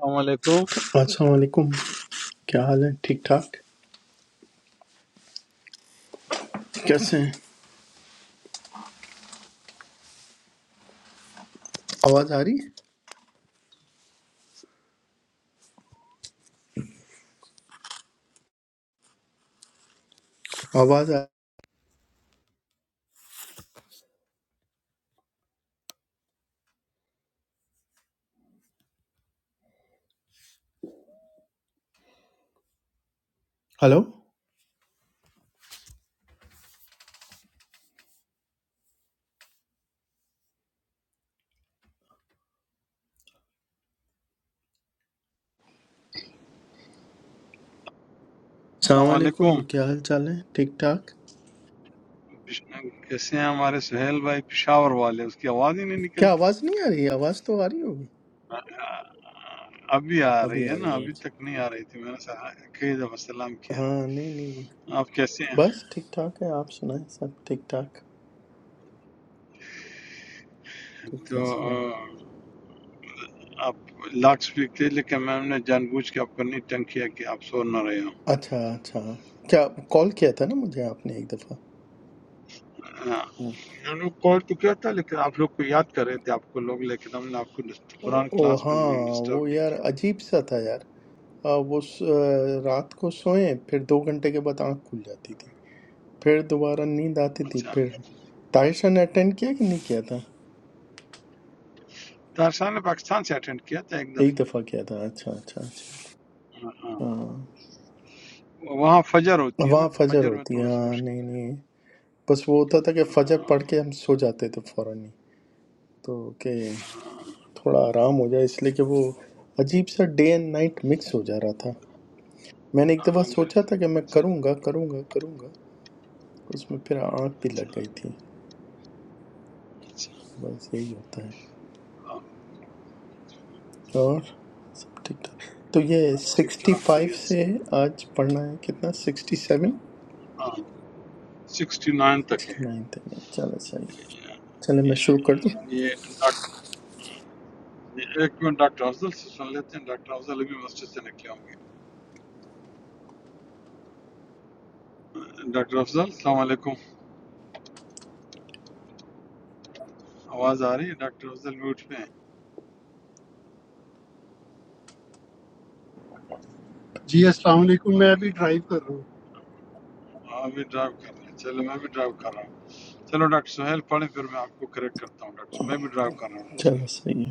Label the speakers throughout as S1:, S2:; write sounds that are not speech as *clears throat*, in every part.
S1: السلام علیکم
S2: السلام علیکم کیا حال ہے ٹھیک ٹھاک کیسے ہیں آواز آ رہی ہے آواز آ ہلو السلام
S1: السلام
S2: علیکم
S1: علیکم
S2: کیا حال چال ہے ٹھیک ٹھاک
S1: پش- کیسے ہیں ہمارے سہیل بھائی پشاور والے اس کی آواز ہی نہیں
S2: کیا
S1: نکلتی
S2: آواز نہیں آ رہی ہے آواز تو آ رہی ہوگی
S1: ابھی آ
S2: ابھی
S1: رہی ہے
S2: آ
S1: نا
S2: رہی ہے
S1: ابھی
S2: اچھا
S1: تک نہیں آ رہی تھی میں نے سہا- کئی دفعہ سلام کیا
S2: ہاں نہیں نہیں
S1: آپ کیسے ہیں
S2: بس ٹھیک ٹھاک ہے آپ سنائیں سب ٹھیک ٹھاک تو
S1: تو
S2: کیسے رہا
S1: آ، آپ لاک سپیک تھے لیکن میں نے جان بوجھ کے آپ کو نہیں تنگ کیا کہ آپ سو نہ رہے ہو
S2: اچھا اچھا کیا کال کیا تھا نا مجھے آپ نے ایک دفعہ
S1: ہاں،
S2: ہوں۔
S1: میں نے کال تو کیا تھا لیکن آپ لوگ کو یاد کر رہے تھے آپ کو لوگ لیکن ہم نے آپ کو ڈس-
S2: او
S1: قرآن
S2: او
S1: کلاس میں
S2: ہاں وہ
S1: ڈسٹرب نہیں
S2: یار
S1: کیا
S2: عجیب سا تھا یار آ، وہ س- آ، رات کو سوئیں پھر دو گھنٹے کے بعد آنکھ کھل جاتی تھی پھر دوبارہ نیند آتی تھی
S1: اچھا
S2: پھر طائشہ نے اٹینڈ کیا کہ نہیں کیا تھا
S1: طاہر صاحب نے پاکستان سے اٹینڈ کیا تھا ایک
S2: ایک
S1: دفعہ
S2: دفعہ کیا تھا اچھا اچھا اچھا
S1: ہاں۔
S2: ہاں
S1: وہاں فجر ہوتی ہے نا
S2: وہاں
S1: تو
S2: فجر
S1: فجر میں
S2: ہوتی ہے
S1: تھوڑا سا
S2: ہاں
S1: مشکل
S2: نہیں نہیں بس وہ ہوتا تھا کہ
S1: ہے
S2: فجر
S1: ہاں،
S2: پڑھ کے ہم سو جاتے تھے فوراً ہی تو کہ
S1: ہاں،
S2: تھوڑا آرام ہو جائے اس لیے کہ وہ عجیب سا ڈے اینڈ نائٹ مکس ہو جا رہا تھا میں نے ایک دفعہ
S1: ہاں،
S2: سوچا تھا
S1: بالکل۔
S2: کہ میں کروں گا کروں گا کروں گا اس میں پھر آنکھ بھی لگ گئی تھی بس یہی ہوتا ہے اور سب ٹھیک ٹھاک تو یہ
S1: ٹھیک
S2: سکسٹی
S1: ٹھاک
S2: فائیو
S1: خیریت سے
S2: سے آج پڑھنا ہے کتنا سکسٹی سیون
S1: ہاں سکسٹی نائن تک ہے
S2: سکسٹی نائن تک ہے۔ چلے صحیح ہے۔ چلے میں شروع کر دوں
S1: یہ ڈاکٹر ایک منٹ ڈاکٹر افضل سے سن لیتے ہیں ڈاکٹر افضل ابھی مسجد سے نکلے ہوں گے ڈاکٹر افضل السلام علیکم آواز آ رہی ہے ڈاکٹر افضل میوٹ پہ ہیں
S3: جی السلام علیکم میں
S1: اوکے
S3: ابھی ڈرائیو کر رہا
S1: آپ بھی ڈرائیو کر رہے ہیں چلو میں بھی ڈرائیو کر رہا ہوں چلو ڈاکٹر سہیل پڑھیں پھر میں آپ کو کریکٹ کرتا ہوں ڈاکٹر میں بھی ڈرائیو کر رہا ہوں ڈاکٹر
S2: چلے صحیح ہے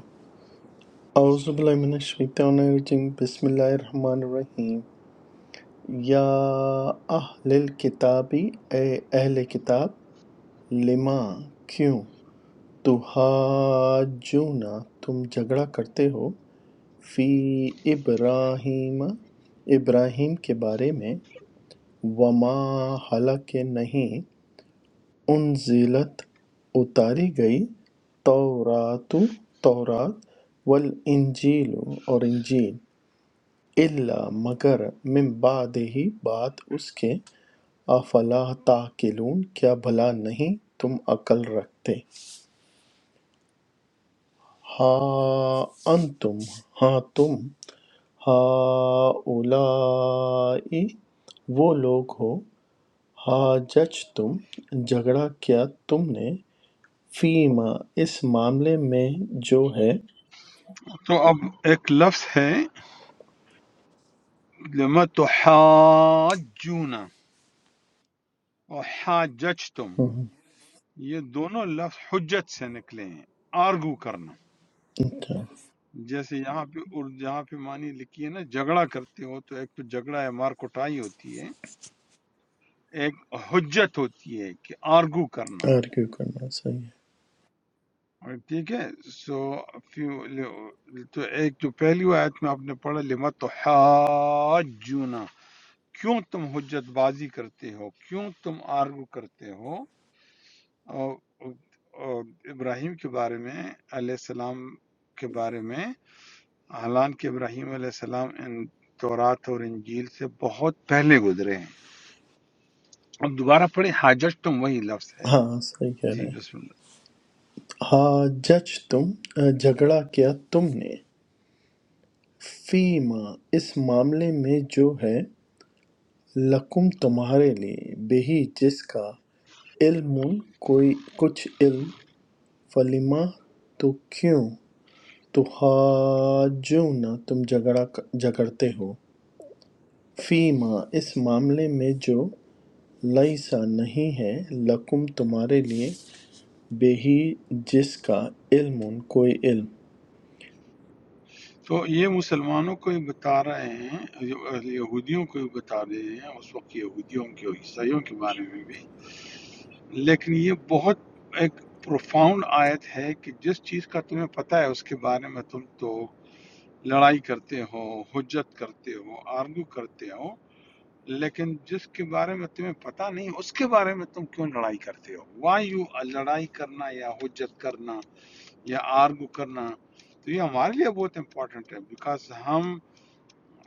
S1: سہیل
S2: اعوذ باللہ من الشیطان الرجیم بسم اللہ الرحمن الرحیم یا اہل الکتاب اے اہل کتاب لما کیوں تحاجونا تم جھگڑا کرتے ہو فی ابراہیم ابراہیم کے بارے میں وما حالانکہ نہیں انزلت اتاری گئی تورات تورات والانجیل اور انجیل الا مگر من بعد ہی بعد اس کے افلا تاکلون کیا بھلا نہیں تم عقل رکھتے ہا انتم ہاں تم ہا اولائی وہ لوگ ہو ہا جج تم جھگڑا کیا تم نے فِيمَا اس معاملے میں جو ہے
S1: تو اب ایک لفظ ہے لما تحاجون اور حاجج تم یہ دونوں لفظ حجت سے نکلے ہیں آرگو کرنا
S2: اچھا
S1: جیسے یہاں پہ اور جہاں پہ معنی لکھی ہے نا جھگڑا کرتے ہو تو ایک تو جھگڑا ہے مار کٹائی ہوتی ہے ایک حجت ہوتی ہے کہ آرگو کرنا
S2: آرگیو کرنا صحیح ہے
S1: اور ٹھیک ہے سو تو ایک جو پہلی آیت میں آپ نے پڑھا لما تحاجون کیوں تم حجت بازی کرتے ہو کیوں تم آرگو کرتے ہو اور اور ابراہیم کے بارے میں علیہ السلام کے بارے میں حالانکہ ابراہیم علیہ السلام ان تورات اور انجیل سے بہت پہلے گزرے ہیں اب دوبارہ پڑھیں حاجت تم وہی لفظ ہے
S2: ہاں صحیح کہہ رہے
S1: جی
S2: ہیں
S1: بسم اللہ
S2: ہاں جج تم جھگڑا کیا تم نے فیما اس معاملے میں جو ہے لکم تمہارے لیے بہی جس کا علم کوئی کچھ علم فلیما تو کیوں تحاجون تم جھگڑا جھگڑتے ہو فیما اس معاملے میں جو لیسا نہیں ہے لکم تمہارے لیے بہی جس کا علم کوئی علم
S1: تو یہ مسلمانوں کو یہ بتا رہے ہیں یہ- یہودیوں کو یہ بتا رہے ہیں اس وقت یہودیوں کے اور عیسائیوں کے بارے میں بھی لیکن یہ بہت ایک پروفاؤنڈ آیت ہے کہ جس چیز کا تمہیں پتہ ہے اس کے بارے میں تم تو لڑائی کرتے ہو حجت کرتے ہو آرگو کرتے ہو لیکن جس کے بارے میں تمہیں پتہ نہیں اس کے بارے میں تم کیوں لڑائی کرتے ہو وائی یو لڑائی کرنا یا حجت کرنا یا آرگو کرنا تو یہ ہمارے لیے بہت امپورٹنٹ ہے بیکاز ہم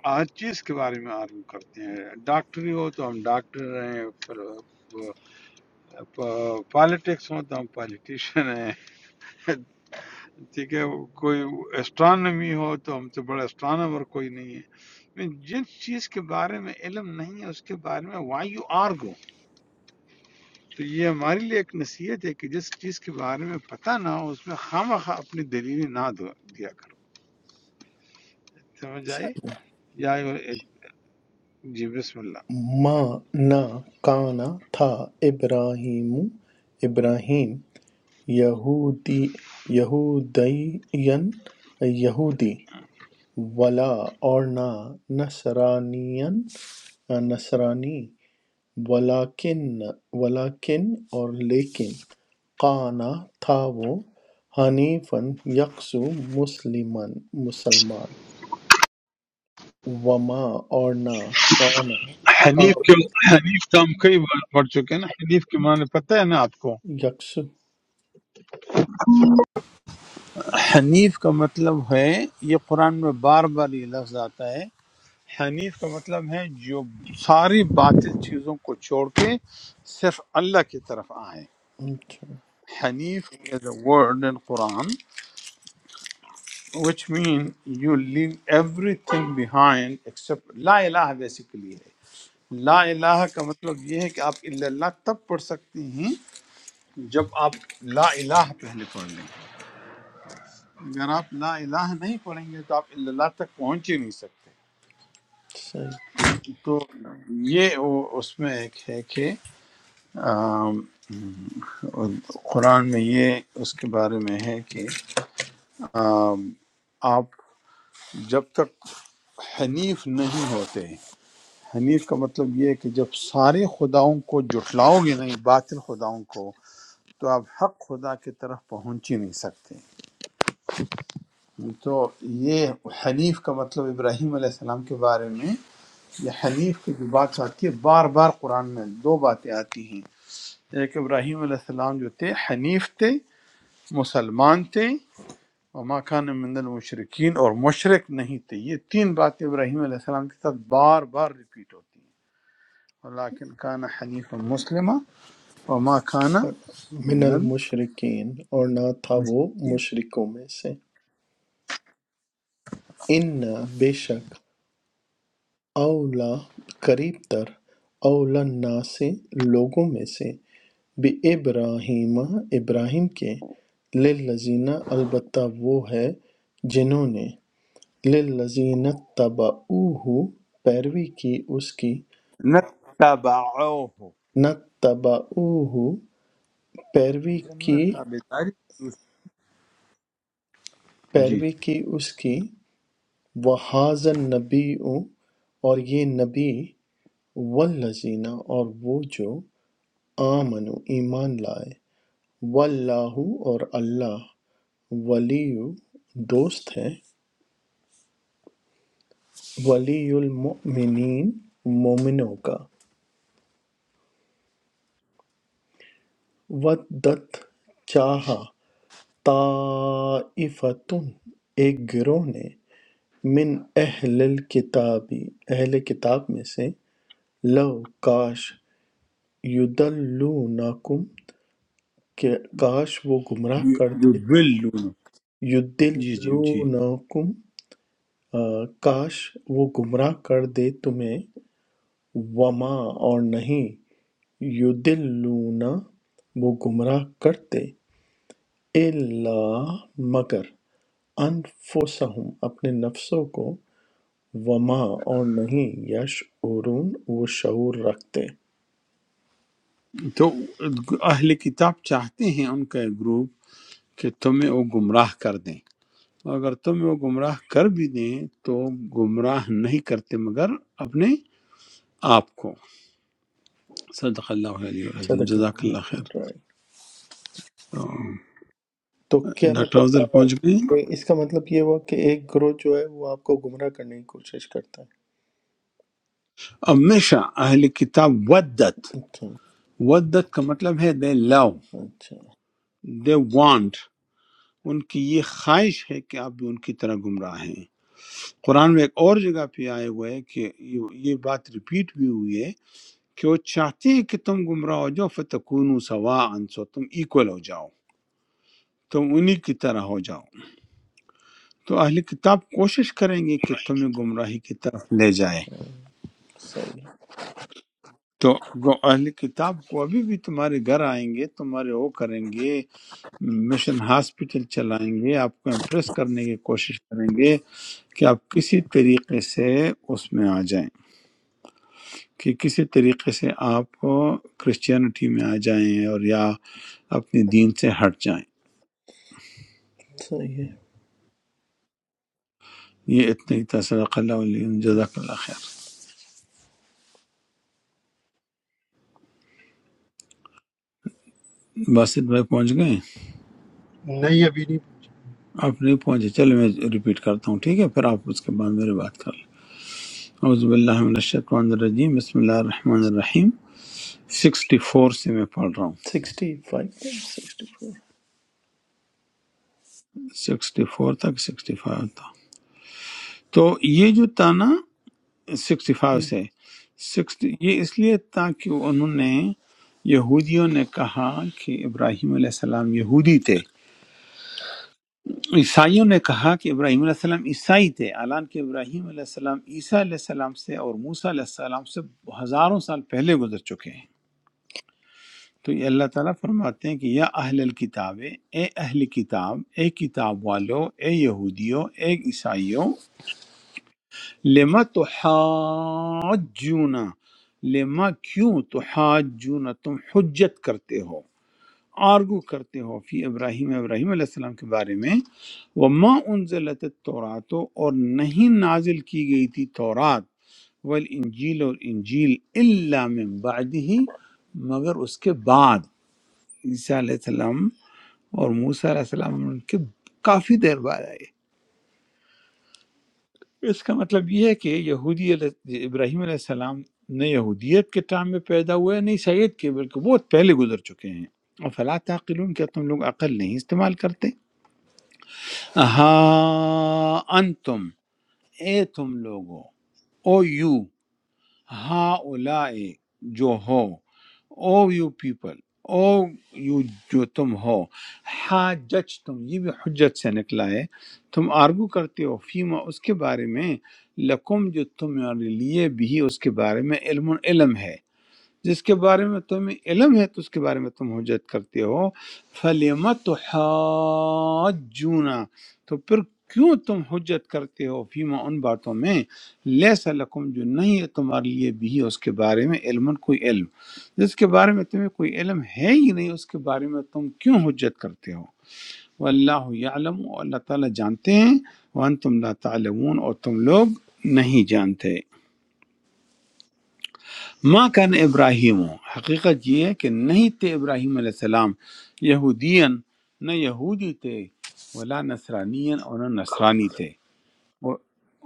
S1: ہر چیز کے بارے میں آرگو کرتے ہیں ڈاکٹری ہو تو ہم ڈاکٹر ہیں پالیٹکس ہو تو ہم پالیٹیشین ہیں ٹھیک ہے کوئی اسٹرانومی ہو تو ہم سے بڑا اسٹرانومر کوئی نہیں ہے جس چیز کے بارے میں علم نہیں ہے اس کے بارے میں وائی یو آرگو تو یہ ہمارے لیے ایک نصیحت ہے کہ جس چیز کے بارے میں پتہ نہ ہو اس میں خواہ مخواہ اپنی دلیل نہ دو دیا کرو سمجھ آئے یا جی بسم اللہ
S2: ما نہ کانا تھا ابراہیم ابراہیم یہودی یہودین یہودی ولا اور نہ نصرانین نصرانی ولاکن ولاکن اور لیکن کانا تھا وہ حنیفا یکسو مسلمن مسلمان وما اور نہ
S1: حنیف کے حنیف کا ہم کئی بار پڑھ چکے ہیں نا حنیف کے معنی پتہ ہے نا آپ کو
S2: یکسو
S1: حنیف کا مطلب ہے یہ قرآن میں بار بار یہ لفظ آتا ہے حنیف کا مطلب ہے جو ساری باطل چیزوں کو چھوڑ کے صرف اللہ کی طرف آئے
S2: اچھا،
S1: Hanif is a word in Quran which means you leave everything behind except لا الہ basically ہے لا الہ کا مطلب یہ ہے کہ آپ الا اللہ تب پڑھ سکتے ہیں جب آپ لا الہ پہلے پڑھ لیں گے، اگر آپ لا الہ نہیں پڑھیں گے تو آپ الا اللہ تک پہنچ ہی نہیں سکتے
S2: صحیح
S1: تو یہ وہ- اس میں ایک ہے کہ آم، قرآن میں یہ اس کے بارے میں ہے کہ آم، آپ جب تک حنیف نہیں ہوتے حنیف کا مطلب یہ ہے کہ جب سارے خداؤں کو جٹلاؤ گے نہیں باطل خداؤں کو تو آپ حق خدا کی طرف پہنچ ہی نہیں سکتے تو یہ حنیف کا مطلب ابراہیم علیہ السلام کے بارے میں یہ حنیف کی جو بات آتی ہے بار بار قرآن میں دو باتیں آتی ہیں ایک ابراہیم علیہ السلام جو تھے حنیف تھے مسلمان تھے وما کان من المشرکین اور مشرق نہیں تھے یہ تین باتیں ابراہیم علیہ السلام کے ساتھ بار بار ریپیٹ ہوتی ہیں ولیکن کان حنیف مسلمہ وما کان
S2: من
S1: من
S2: المشرقین اور نہ تھا وہ
S1: المشرکین
S2: مشرکوں میں سے ان بے شک اولا قریب تر اولا نا سے لوگوں میں سے بے ابراہیم ابراہیم کے للذین البتہ وہ ہے جنہوں نے للذین اتبعوہ پیروی کی اس کی
S1: نتبعوہ
S2: نتبعوہ پیروی کی
S1: جنت تابداری جی
S2: پیروی کی اس کی وحاظ نبی اور یہ نبی والذین اور وہ جو آمنو ایمان لائے واللہ اور اللہ ولی دوست ہے ولی المؤمنین مومنوں کا ودت چاہا طائفتن ایک گروہ نے من اہل الکتابی اہل کتاب میں سے لو کاش یدلونکم کہ کاش وہ گمراہ کر دیتے
S1: یضلون جی جی جی
S2: یدلونکم آ، کاش وہ گمراہ کر دے تمہیں وما اور نہیں یدلون وہ گمراہ کرتے الا مگر انفسہم اپنے نفسوں کو وما اور نہیں یشعرون وہ شعور رکھتے
S1: تو اہل کتاب چاہتے ہیں ان کا ایک گروپ کہ تمہیں وہ گمراہ کر دیں اگر تمہیں وہ گمراہ کر بھی دیں تو گمراہ نہیں کرتے مگر اپنے آپ کو صدق اللہ علیہ وسلم
S2: صدق
S1: جزاک
S2: اللہ
S1: اللہ خیر
S2: العظیم۔
S1: تو
S2: تو کیا
S1: ڈاکٹر
S2: مطلب
S1: افضل
S2: آ،
S1: پہنچ گئے
S2: یہ- اس کا مطلب یہ ہوا کہ ایک گروہ جو ہے وہ آپ کو گمراہ کرنے کی کوشش کرتا ہے
S1: ہمیشہ اہل کتاب ودت
S2: اچھا
S1: ودت کا مطلب ہے دے لو
S2: اچھا
S1: دے وانٹ ان کی یہ خواہش ہے کہ آپ بھی ان کی طرح گمراہ ہیں قرآن میں ایک اور جگہ پہ آئے ہوئے ہے کہ یہ یہ بات ریپیٹ بھی ہوئی ہے کہ وہ چاہتے ہیں کہ تم گمراہ ہو جاؤ فتکون سوا سو تم ایکول ہو جاؤ تم انہی کی طرح ہو جاؤ تو اہل کتاب کوشش کریں گے کہ تمہیں گمراہی کی طرف لے جائیں
S2: صحیح ہے،
S1: تو گو- اہل کتاب کو ابھی بھی تمہارے گھر آئیں گے تمہارے وہ کریں گے مشن ہاسپٹل چلائیں گے آپ کو امپریس کرنے کی کوشش کریں گے کہ آپ کسی طریقے سے اس میں آ جائیں کہ کسی طریقے سے آپ کرسچینٹی میں آ جائیں اور یا اپنے دین سے ہٹ جائیں
S2: صحیح ہے
S1: یہ اتنے ہی تھا صدق اللہ علیہ جزاک اللہ خیر باسط بھائی پہنچ گئے ہیں؟
S3: ہوں نہیں ابھی نہیں پہنچا
S1: آپ نہیں پہنچے چلے میں ریپیٹ کرتا ہوں ٹھیک ہے پھر آپ اس کے بعد میرے بات کر لیں اعوذ باللہ من الشیطان الرجیم بسم اللہ الرحمن الرحیم 64 سے میں پڑھ رہا ہوں
S2: سکسٹی فائیو سکسٹی
S1: 64 تک 65 تھا تو یہ جو تھا نا سکسٹی فائیو
S2: فائیو
S1: سے 60 یہ اس لیے تاکہ انہوں نے یہودیوں نے کہا کہ ابراہیم علیہ السلام یہودی تھے عیسائیوں نے کہا کہ ابراہیم علیہ السلام عیسائی تھے حالانکہ ابراہیم علیہ السلام عیسیٰ علیہ السلام سے اور موسیٰ علیہ السلام سے ہزاروں سال پہلے گزر چکے ہیں تو یہ اللہ تعالیٰ فرماتے ہیں کہ یا اہل الکتاب اے اہل کتاب اے کتاب والو اے یہودیو اے عیسائیوں لما تحاجون لما کیوں تحاجون تم حجت کرتے ہو آرگو کرتے ہو فی ابراہیم ابراہیم علیہ السلام کے بارے میں وما انزلت التورات اور نہیں نازل کی گئی تھی تورات والانجیل اور انجیل الا من بعده مگر اس کے بعد عیسیٰ علیہ السلام اور موسیٰ علیہ السلام ان کے کافی دیر بعد آئی اس کا مطلب یہ ہے کہ یہودی علیہ ابراہیم علیہ السلام نہ یہودیت کے ٹائم میں پیدا ہوئے ہیں، نہیں سید کے بلکہ بہت پہلے گزر چکے ہیں اور فلا تعقلون کیا تم لوگ عقل نہیں استعمال کرتے ہاں انتم اے تم لوگو او یو ہاں اولائے جو ہو O you people O you جو تم ہو ہاں جج تم یہ بھی حجت سے نکلا ہے تم آرگو کرتے ہو فیما اس کے بارے میں لکم جو تمہارے لیے بھی اس کے بارے میں علم علم ہے جس کے بارے میں تمہیں علم ہے تو اس کے بارے میں تم حجت کرتے ہو فَلِمَ تُحَاجُّونَ تو پھر کیوں تم حجت کرتے ہو فیما ان باتوں میں لیس لکم جو نہیں ہے تمہارے لیے بھی اس کے بارے میں علم کوئی علم جس کے بارے میں تمہیں کوئی علم ہے ہی نہیں اس کے بارے میں تم کیوں حجت کرتے ہو واللہ یعلم اور اللہ تعالیٰ جانتے ہیں وانتم لا تعلمون اور تم لوگ نہیں جانتے ماں کن ابراہیم حقیقت یہ ہے کہ نہیں تھے ابراہیم علیہ السلام یہودین نہ یہودی تھے ولا نصرانین اور نہ نصرانی تھے اور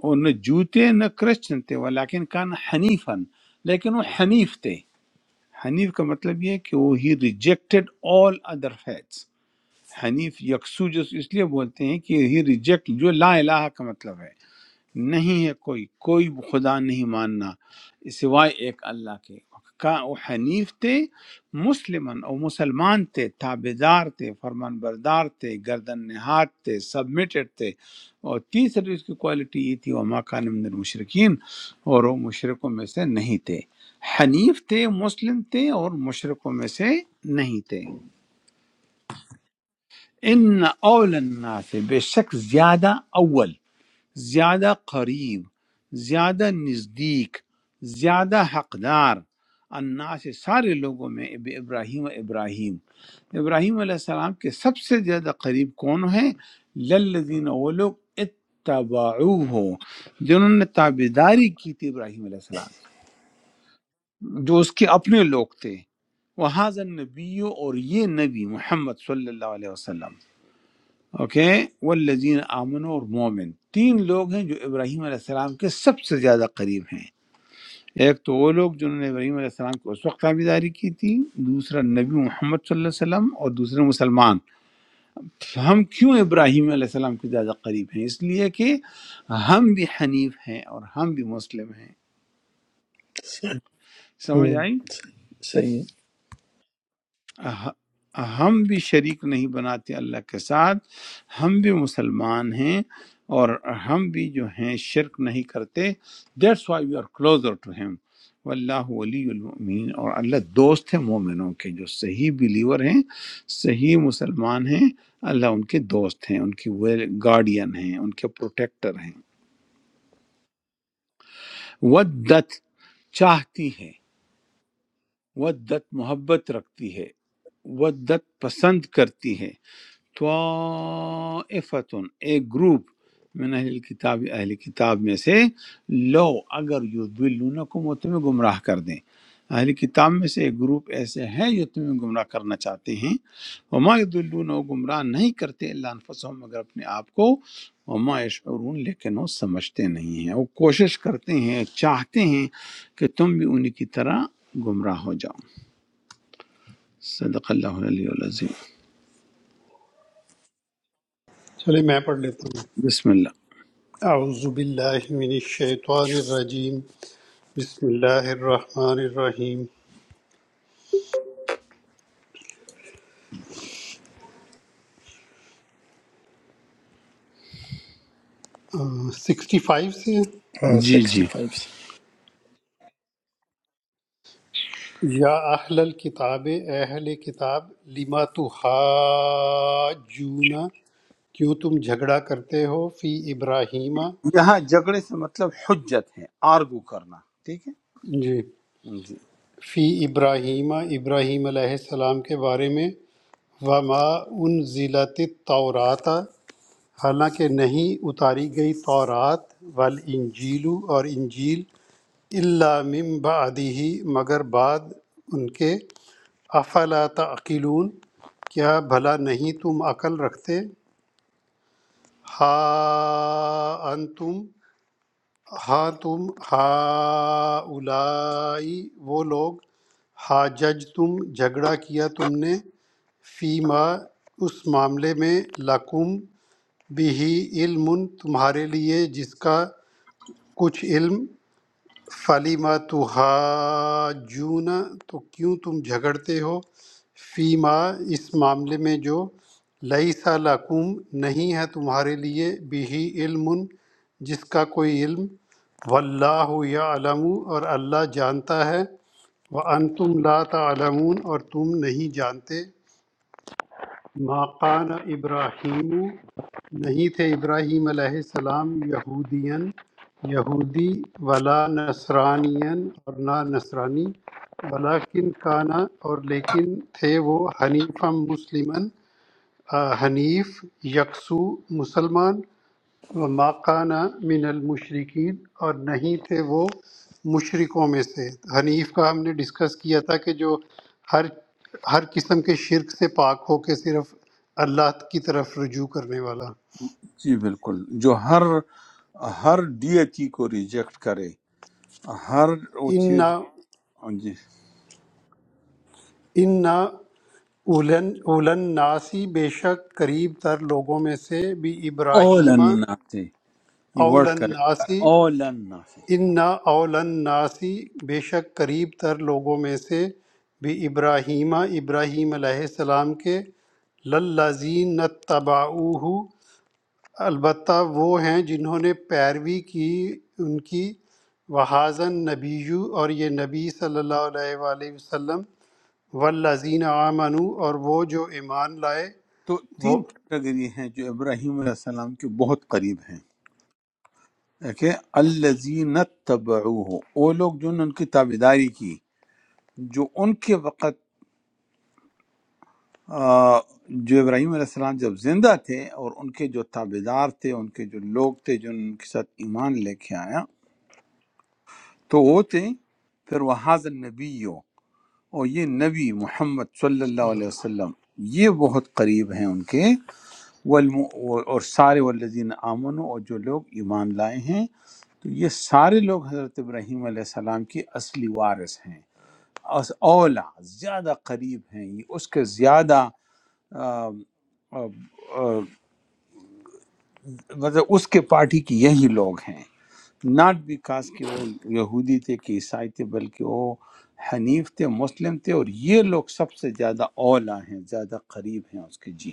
S1: اور نہ جوتے نہ کرسچن تھے ولیکن کان حنیفن لیکن وہ حنیف تھے حنیف کا مطلب یہ ہے کہ وہ ہی ریجیکٹڈ آل ادر فیتس حنیف یکسو جو اس لیے بولتے ہیں کہ ہی ریجیکٹ جو لا الہ کا مطلب ہے نہیں ہے کوئی کوئی خدا نہیں ماننا سوائے ایک اللہ کے کا وہ حنیف تھے مسلمن اور مسلمان تھے تابے دار تھے فرمان بردار تھے گردن نہاد تھے سبمیٹڈ تھے اور تیسری اس کی کوالٹی یہ تھی وہ ماکان من المشرکین اور وہ مشرقوں میں سے نہیں تھے حنیف تھے مسلم تھے اور مشرقوں میں سے نہیں تھے ان اول الناس بے شک زیادہ اول زیادہ قریب زیادہ نزدیک زیادہ حقدار الناس سارے لوگوں میں اب ابراہیم و ابراہیم ابراہیم علیہ السلام کے سب سے زیادہ قریب کون ہیں للذین وہ لوگ اتبعو ہو جنہوں نے تابیداری کی تھی ابراہیم علیہ السلام کی، جو اس کے اپنے لوگ تھے وہ حاضر نبی اور یہ نبی محمد صلی اللہ علیہ وسلم اوکے والذین آمن اور مومن تین لوگ ہیں جو ابراہیم علیہ السلام کے سب سے زیادہ قریب ہیں ایک تو وہ لوگ جنہوں نے ابراہیم علیہ السلام کو اس وقت تابعداری کی تھی دوسرا نبی محمد صلی اللہ علیہ وسلم اور دوسرے مسلمان ہم کیوں ابراہیم علیہ السلام کے زیادہ قریب ہیں اس لیے کہ ہم بھی حنیف ہیں اور ہم بھی مسلم ہیں
S2: صحیح
S1: سمجھ
S2: ہوں،
S1: آئی
S2: صحیح ہے
S1: ہ- ہم بھی شریک نہیں بناتے اللہ کے ساتھ ہم بھی مسلمان ہیں اور ہم بھی جو ہیں شرک نہیں کرتے that's why you are closer to him واللہ ولی المؤمنین اور اللہ دوست ہے مومنوں کے جو صحیح بلیور ہیں صحیح مسلمان ہیں اللہ ان کے دوست ہیں ان کی گارڈین ہیں ان کے پروٹیکٹر ہیں ودت چاہتی ہے ودت محبت رکھتی ہے ودت پسند کرتی ہے طائفتن ایک گروپ من اہل کتاب اہل کتاب میں سے لو اگر یضلونکم وہ تمہیں گمراہ کر دیں اہل کتاب میں سے ایک گروپ ایسے ہیں جو تمہیں گمراہ کرنا چاہتے ہیں وما یضلون وہ گمراہ نہیں کرتے اللہ انفسهم مگر اپنے آپ کو وما یشعرون لیکن وہ سمجھتے نہیں ہیں وہ کوشش کرتے ہیں چاہتے ہیں کہ تم بھی انہی کی طرح گمراہ ہو جاؤ صدق اللہ علیہ العظیم
S3: چلے میں پڑھ لیتا ہوں
S1: بسم اللہ
S3: اعوذ باللہ من الشیطان الرجیم بسم اللہ الرحمن الرحیم سکسٹی فائیو سے
S2: ہاں
S1: جی
S2: سکسٹی
S1: جی
S2: فائیو سے
S3: یا اہل الکتاب اے اہل کتاب لما تحاجون کیوں تم جھگڑا کرتے ہو فی ابراہیم
S1: یہاں جھگڑے سے مطلب حجت ہے آرگو کرنا ٹھیک
S3: جی
S1: ہے جی
S3: فی ابراہیم ابراہیم علیہ السلام کے بارے میں وما انزلت التورات حالانکہ نہیں اتاری گئی تورات والانجیل اور انجیل الا من بعدہ مگر بعد ان کے افلا تعقلون کیا بھلا نہیں تم عقل رکھتے ہا انتم ہاں تم ہا اولائی وہ لوگ ہا جج تم جھگڑا کیا تم نے فیما اس معاملے میں لکم بِهِ عِلْمٌ تمہارے لیے جس کا کچھ علم فَلِمَ تُحَاجُّونَ تو کیوں تم جھگڑتے ہو فیما اس معاملے میں جو لَیْسَ لَکُم نہیں ہے تمہارے لیے بِهِ علم جس کا کوئی علم واللہ یعلم اور اللہ جانتا ہے وَأَنْتُمْ لَا تَعْلَمُونَ اور تم نہیں جانتے ما قان ابراہیم نہیں تھے ابراہیم علیہ السلام یہودین یہودی ولا نصرانین اور نہ نصرانی ولیکن کانا اور لیکن تھے وہ حنیفم مسلمن آ، حنیف یکسو مسلمان وما کان من المشرقین اور نہیں تھے وہ مشرکوں میں سے حنیف کا ہم نے ڈسکس کیا تھا کہ جو ہر ہر قسم کے شرک سے پاک ہو کے صرف اللہ کی طرف رجوع کرنے والا
S1: جی بالکل جو ہر ہر ڈیٹی کو ریجیکٹ کرے ہر وہ چیز
S3: انا
S1: جی
S3: انا اولن اولن ناسی بے شک قریب تر لوگوں میں سے بھی
S1: اول
S3: ابراہیم
S1: سے یہ ورڈ
S3: اولن
S1: کرے
S3: ناسی
S1: اول سے
S3: ان نا اولن ناسی بے شک قریب تر لوگوں میں سے بھی ابراہیمہ ابراہیم علیہ السلام کے للذین تباؤہ البتہ وہ ہیں جنہوں نے پیروی کی ان کی وحازن نبیو اور یہ نبی صلی اللہ علیہ وآلہ وسلم والذین آمنو اور وہ جو ایمان لائے
S1: تو
S3: وہ صلی اللہ
S1: تین
S3: علیہ
S1: کیٹیگری ہیں جو ابراہیم علیہ السلام کے بہت قریب ہیں ایک ہے الزین تبعوه وہ لوگ جنہوں نے ان کی تابعداری کی جو ان کے وقت آ، جو ابراہیم علیہ السلام جب زندہ تھے اور ان کے جو تابع دار تھے ان کے جو لوگ تھے جو ان کے ساتھ ایمان لے کے آیا تو وہ تھے پھر وہ حاضر نبی اور یہ نبی محمد صلی اللہ
S3: وسلم۔
S1: علیہ وسلم یہ بہت قریب ہیں ان کے والم- اور سارے والذین آمنوا اور جو لوگ ایمان لائے ہیں تو یہ سارے لوگ حضرت ابراہیم علیہ السلام کی اصلی وارث ہیں اس- اولا زیادہ قریب ہیں یہ اس کے زیادہ آ، آ، آ، مطلب اس کے پارٹی کے یہی لوگ ہیں ناٹ بیکاز کہ وہ یہودی تھے کہ عیسائی تھے بلکہ وہ حنیف تھے مسلم تھے اور یہ لوگ سب سے زیادہ اولا ہیں زیادہ قریب ہیں اس کے جی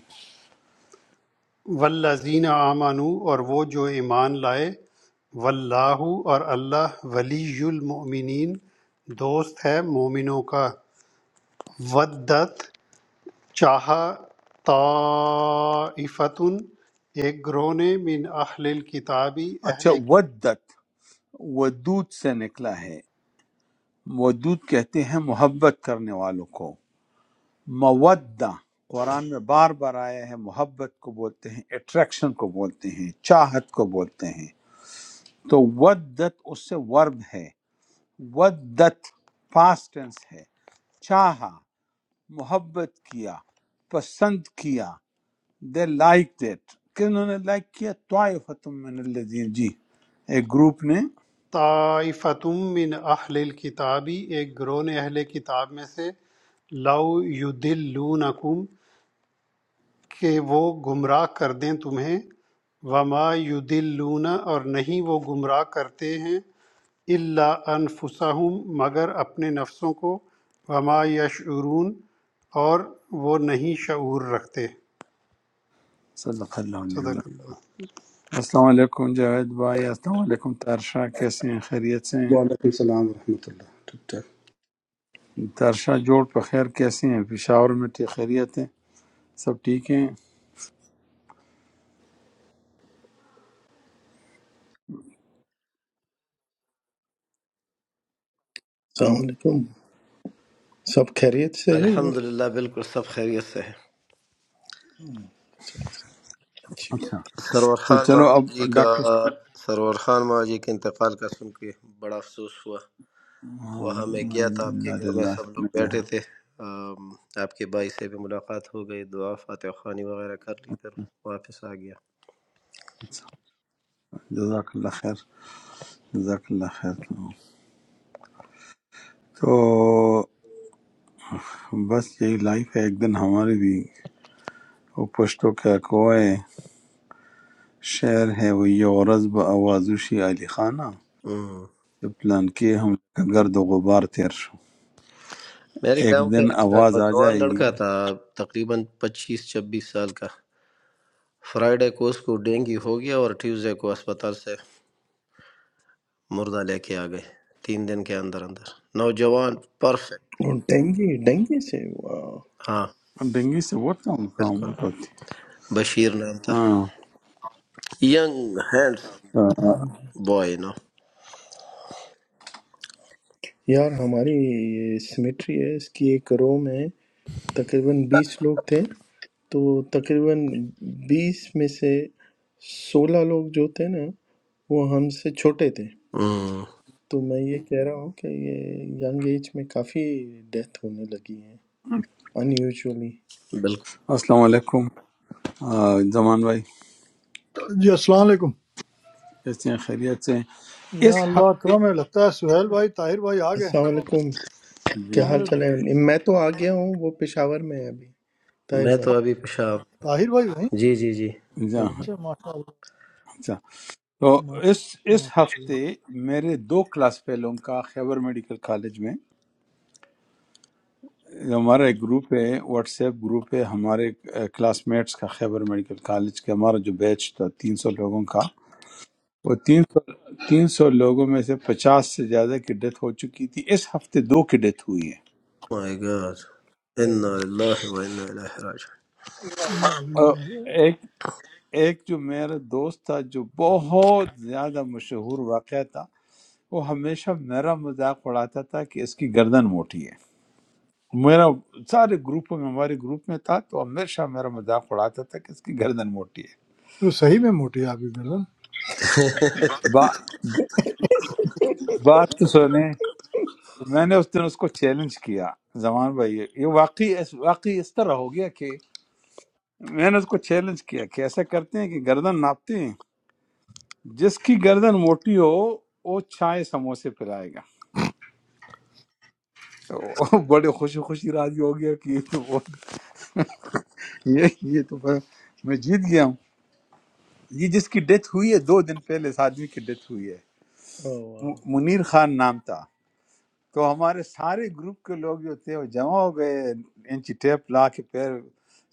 S3: والذین آمنوا اور وہ جو ایمان لائے واللہ اور اللہ ولی المؤمنین دوست ہے مومنوں کا ودت چاہا طائفتن ایک گروہ نے من اہل الکتابی
S1: اچھا
S3: اہل کی-
S1: ودت ودود سے نکلا ہے ودود کہتے ہیں محبت کرنے والوں کو مودہ قرآن میں بار بار آیا ہے محبت کو بولتے ہیں اٹریکشن کو بولتے ہیں چاہت کو بولتے ہیں تو ودت اس سے ورب ہے ودت پاسٹ ٹینس ہے چاہا محبت کیا پسند کیا دے لائک دیٹ کہ انہوں نے لائک کیا طائفتم من الذین جی ایک گروپ نے
S3: طائفتم من اہل الکتابی ایک گروہ نے اہل کتاب میں سے لو یدلونکم کہ وہ گمراہ کردیں تمہیں وما یضلون اور نہیں وہ گمراہ کرتے ہیں الا انفسہم مگر اپنے نفسوں کو وما یشعرون اور وہ نہیں شعور رکھتے
S1: صدق اللہ علیہ وسلم
S3: صدق اللہ
S1: السلام علیکم جاوید بھائی السلام علیکم ترشا کیسے ہیں خیریت سے ہیں
S4: وعلیکم السلام ورحمۃ اللہ ٹھیک ٹھاک
S1: ترشا جوڑ پر خیر کیسے ہیں پشاور میں ٹھیک خیریت ہیں سب ٹھیک ہیں
S2: السلام علیکم سب خیریت سے ہے وہاں پہ
S5: الحمدللہ بالکل سب خیریت سے ہے
S2: اچھا، اچھی بات۔
S1: اچھا
S5: سرور
S1: تو
S5: خان
S1: چلو اب
S5: ماما جی کا
S1: ڈاکٹر
S5: سرور خان ماما جی کے انتقال کا سن کے بڑا افسوس ہوا
S1: ہاں،
S5: وہاں میں گیا تھا آپ کے
S1: انا
S5: گھر میں سب لوگ
S1: للہ
S5: بیٹھے تھے آم، آپ کے بھائی سے بھی ملاقات ہو گئی دعا فاتح خوانی وغیرہ کر لی پھر واپس آ گیا
S1: جزاک اللہ خیر جزاک اللہ خیر تو بس یہی لائف ہے ایک دن ہماری بھی وہ پشتو کا کوئے شعر ہے وہ یہ غرض با آوازوشی علی خانہ
S5: ہم۔
S1: سے پلان کیے ہم کا گرد و غبار تیر شو
S5: میرے
S1: ایک
S5: گاؤں کا
S1: دن
S5: ایک
S1: آواز آ
S5: نوجوان
S1: جائے گی
S5: لڑکا تھا تقریباً پچیس چھبیس سال کا فرائیڈے کو اس کو ڈینگی ہو گیا اور ٹیوزڈے کو اسپتال سے مردہ لے کے آ گئے تین دن کے اندر اندر نوجوان پرفیکٹ
S2: اور ڈینگی ڈینگی سے واہ
S5: ہاں
S1: ڈنگی سے وہ کام کام
S5: بالکل
S1: ہوتی
S5: بشیر نام تھا
S1: ہاں
S5: ینگ ہینڈ
S1: آ،
S5: بوائے نا
S2: یار ہماری یہ سیمیٹری ہے اس کی ایک رو میں تقریباً بیس لوگ تھے تو تقریباً بیس میں سے سولہ لوگ جو تھے نا وہ ہم سے چھوٹے تھے
S5: ہوں،
S2: تو میں یہ کہہ رہا ہوں کہ یہ ینگ ایج میں کافی ڈیتھ ہونے لگی ہے ان یوزلی
S5: بالکل
S1: السلام علیکم آ، زمان بھائی
S6: जी अस्सलाम वालेकुम
S1: کیسے ہیں خیریت سے ہیں؟
S6: या
S1: اس
S6: अल्लाह
S1: ہفتے
S6: करम है लगता है सुहेल भाई ताहिर भाई आ गए
S2: السلام
S6: वापस
S2: علیکم کیا
S1: جی
S6: अस्सलाम
S2: حال
S6: वालेकुम
S2: چل ہے میں تو آ گیا ہوں وہ پشاور میں ہے ابھی طاہر
S5: میں
S2: بھائی
S5: تو ابھی پیشاب
S6: ताहिर भाई वहीं
S5: جی جی جی
S1: جی، جی،
S2: ہوں
S1: ہاں
S2: ہوں
S6: अच्छा माशाल्लाह
S1: اچھا تو اس
S6: माशा
S1: اس ہفتے
S6: माशा
S1: میرے دو کلاس فیلوں کا خیبر میڈیکل کالج میں ہمارا ایک گروپ ہے واٹس ایپ گروپ ہے ہمارے کلاس میٹس کا خیبر میڈیکل کالج کا ہمارا جو بیچ تھا تین سو لوگوں کا وہ تین سو تین سو لوگوں میں سے پچاس سے زیادہ کی ڈیتھ ہو چکی تھی اس ہفتے دو کی ڈیتھ ہوئی ہے
S5: مائی گاڈ انا
S2: اوہ،
S5: للہ و انا الیہ راجعون
S1: اور
S6: अल्लाह।
S1: ایک ایک جو میرا دوست تھا جو بہت زیادہ مشہور واقعہ تھا وہ ہمیشہ میرا مذاق اڑاتا تھا کہ اس کی گردن موٹی ہے میرا سارے گروپوں میں ہمارے گروپ میں تھا تو ہمیشہ میرا مذاق اڑاتا تھا کہ اس کی گردن موٹی ہے
S6: वो सही में मोटी आ गई गर्दन
S5: *laughs*
S1: با, بات تو سنیں تو میں نے اس دن اس کو چیلنج کیا زمان بھائی یہ یہ واقعی اس واقعی اس طرح ہو گیا کہ میں نے اس کو چیلنج کیا کہ ایسا کرتے ہیں کہ گردن ناپتے ہیں جس کی گردن موٹی ہو وہ چائے سموسے پلائے گا تو *laughs* وہ بڑے خوشی خوشی راضی ہو گیا کہ یہ تو بہت *laughs* یہ یہ تو بڑا- میں جیت گیا ہوں یہ جس کی ڈیتھ ہوئی ہے دو دن پہلے اس آدمی کی ڈیتھ ہوئی ہے
S2: اوہ۔
S1: منیر خان نام تھا تو ہمارے سارے گروپ کے لوگ جو تھے وہ جمع ہو گئے انچی ٹیپ لا کے پیر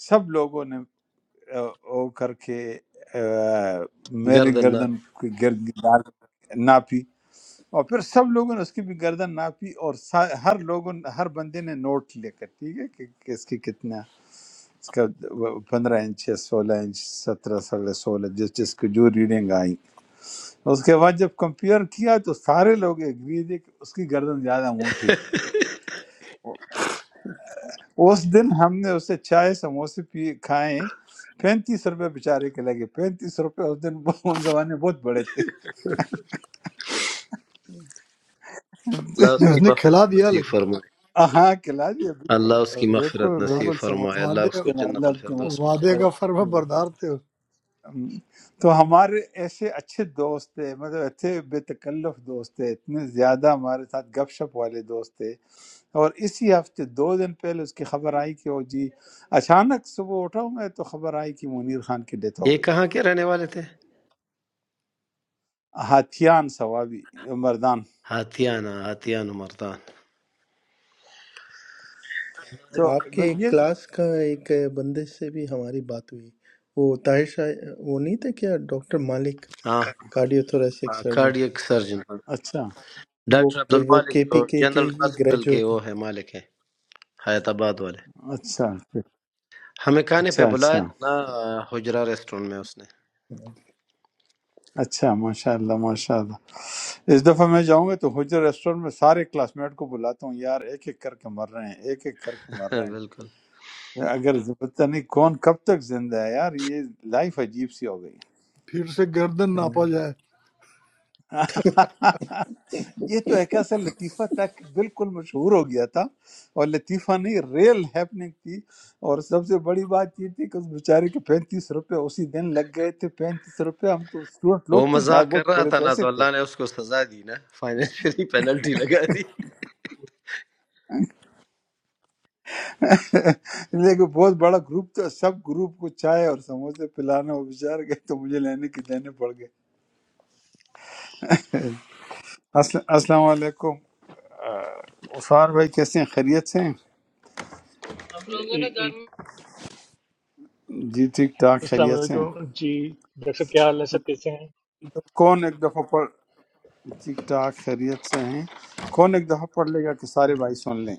S1: سب لوگوں نے آ، وہ کر کے آ، میری
S5: گردن نہ
S1: گردن کی گرد گردار ناپی اور پھر سب لوگوں نے اس کی بھی گردن ناپی اور سا- ہر لوگوں نے- ہر بندے نے نوٹ لے کر ٹھیک ہے کہ کہ اس کی کتنا اس کا پندرہ انچ ہے سولہ انچ سترہ سولہ سولہ جس جس کو جو ریڈنگ آئی اس کے بعد جب کمپیئر کیا تو سارے لوگ ایگری تھے کہ اس کی گردن زیادہ موٹی تھی اس دن ہم نے اسے چائے سموسے پی کھائے پینتیس روپے بیچارے کے لگے پینتیس روپے اس دن *laughs* وہ- ان زمانے بہت بڑے تھے
S5: اللہ اس کی
S1: *laughs*
S6: उसने खिला
S5: مغفرت
S6: दिया
S5: نصیب
S6: लेकिन
S5: فرمائے
S1: ہاں کھلا دیا بالکل
S5: اللہ اس کی
S1: بالکل
S5: مغفرت
S6: वा-
S5: نصیب
S1: بالکل سموسے
S5: فرمائے اللہ
S6: वादे
S5: اس کو
S1: کے نام اللہ
S5: جنت
S1: آپ کی
S5: الفردوس میں
S1: مدد
S6: वादे
S5: جگہ
S1: کرے
S6: का फर्मा बरदार थे
S1: ہم- تو ہمارے ایسے اچھے دوست تھے مطلب اتنے بے تکلف دوست تھے اتنے زیادہ ہمارے ساتھ گپ شپ والے دوست تھے اور اسی ہفتے دو دن پہلے اس کی خبر آئی کہ وہ جی اچانک صبح اٹھا ہوں میں تو خبر آئی کہ منیر خان کی ڈیتھ ہو
S5: یہ
S1: گئی
S5: کہاں
S1: ہے
S5: کے رہنے والے تھے
S1: ہاتھیان ثوابی مردان
S5: ہاتھیانہ ہاتھیانہ مردان
S1: تو
S2: آپ کے ایک
S1: یہ
S2: کلاس کا ایک بندے سے بھی ہماری بات ہوئی وہ طاہر شاہ وہ نہیں تھے کیا ڈاکٹر مالک
S5: ہاں
S2: cardio thoracic surgeon
S5: cardiac surgeon
S1: اچھا
S2: وہ
S5: ڈاکٹر عبد
S2: وہ
S5: المالک
S2: کے پی
S5: جو
S2: کے کے
S5: جنرل
S2: ہی
S5: ہاسپٹل کے
S2: گریجویٹ ہیں
S5: وہ ہے مالک ہیں حیات آباد والے
S1: اچھا
S5: ہمیں کھانے پہ
S1: اچھا
S5: بلایا
S1: اچھا
S5: تھا نا حجرہ ریسٹورنٹ میں اس نے
S1: اچھا ماشاء اللہ ماشاء اللہ اس دفعہ میں جاؤں گا تو حجر ریسٹورنٹ میں سارے کلاس میٹ کو بلاتا ہوں یار ایک ایک کر کے مر رہے ہیں ایک ایک کر کے مر رہے
S5: *laughs*
S1: ہیں
S5: بالکل
S1: اگر پتہ نہیں کون کب تک زندہ ہے یار یہ لائف عجیب سی ہو گئی
S6: फिर से गर्दन
S2: ہوں۔
S6: नापा जाए
S1: *laughs* یہ تو ایک ایسا لطیفہ تھا کہ بالکل مشہور ہو گیا تھا اور لطیفہ نہیں ریل ہیپننگ تھی اور سب سے بڑی بات یہ تھی کہ اس بیچارے کے پینتیس روپے اسی دن لگ گئے تھے پینتیس روپے ہم تو اسٹوڈنٹ لوگ
S5: وہ
S1: تھے جہاں
S5: مذاق کر
S1: بہت
S5: رہا
S1: بڑے
S5: تھا نا
S1: پیسے
S5: تو
S1: تھے
S5: اللہ نے اس کو سزا دی نا *laughs* فائنینشلی پینلٹی لگا دی
S1: *laughs* لیکن بہت بڑا گروپ تھا سب گروپ کو چائے اور سموسے پلانا وہ بیچارے گئے تو مجھے لینے کے دینے پڑ گئے السل- السلام علیکم آ، عثمان بھائی کیسے ہیں خیریت سے ہیں؟
S7: हम लोगों ने घर में
S1: جی ٹھیک ٹھاک
S7: अस्सलाम
S1: خیریت سے
S7: वालेकुम
S1: ہیں
S7: जी डॉक्टर साहब क्या हाल है सब कैसे हैं
S1: کون ایک دفعہ پڑھ ٹھیک ٹھاک خیریت سے ہیں کون ایک دفعہ پڑھ لے گا کہ سارے بھائی سن لیں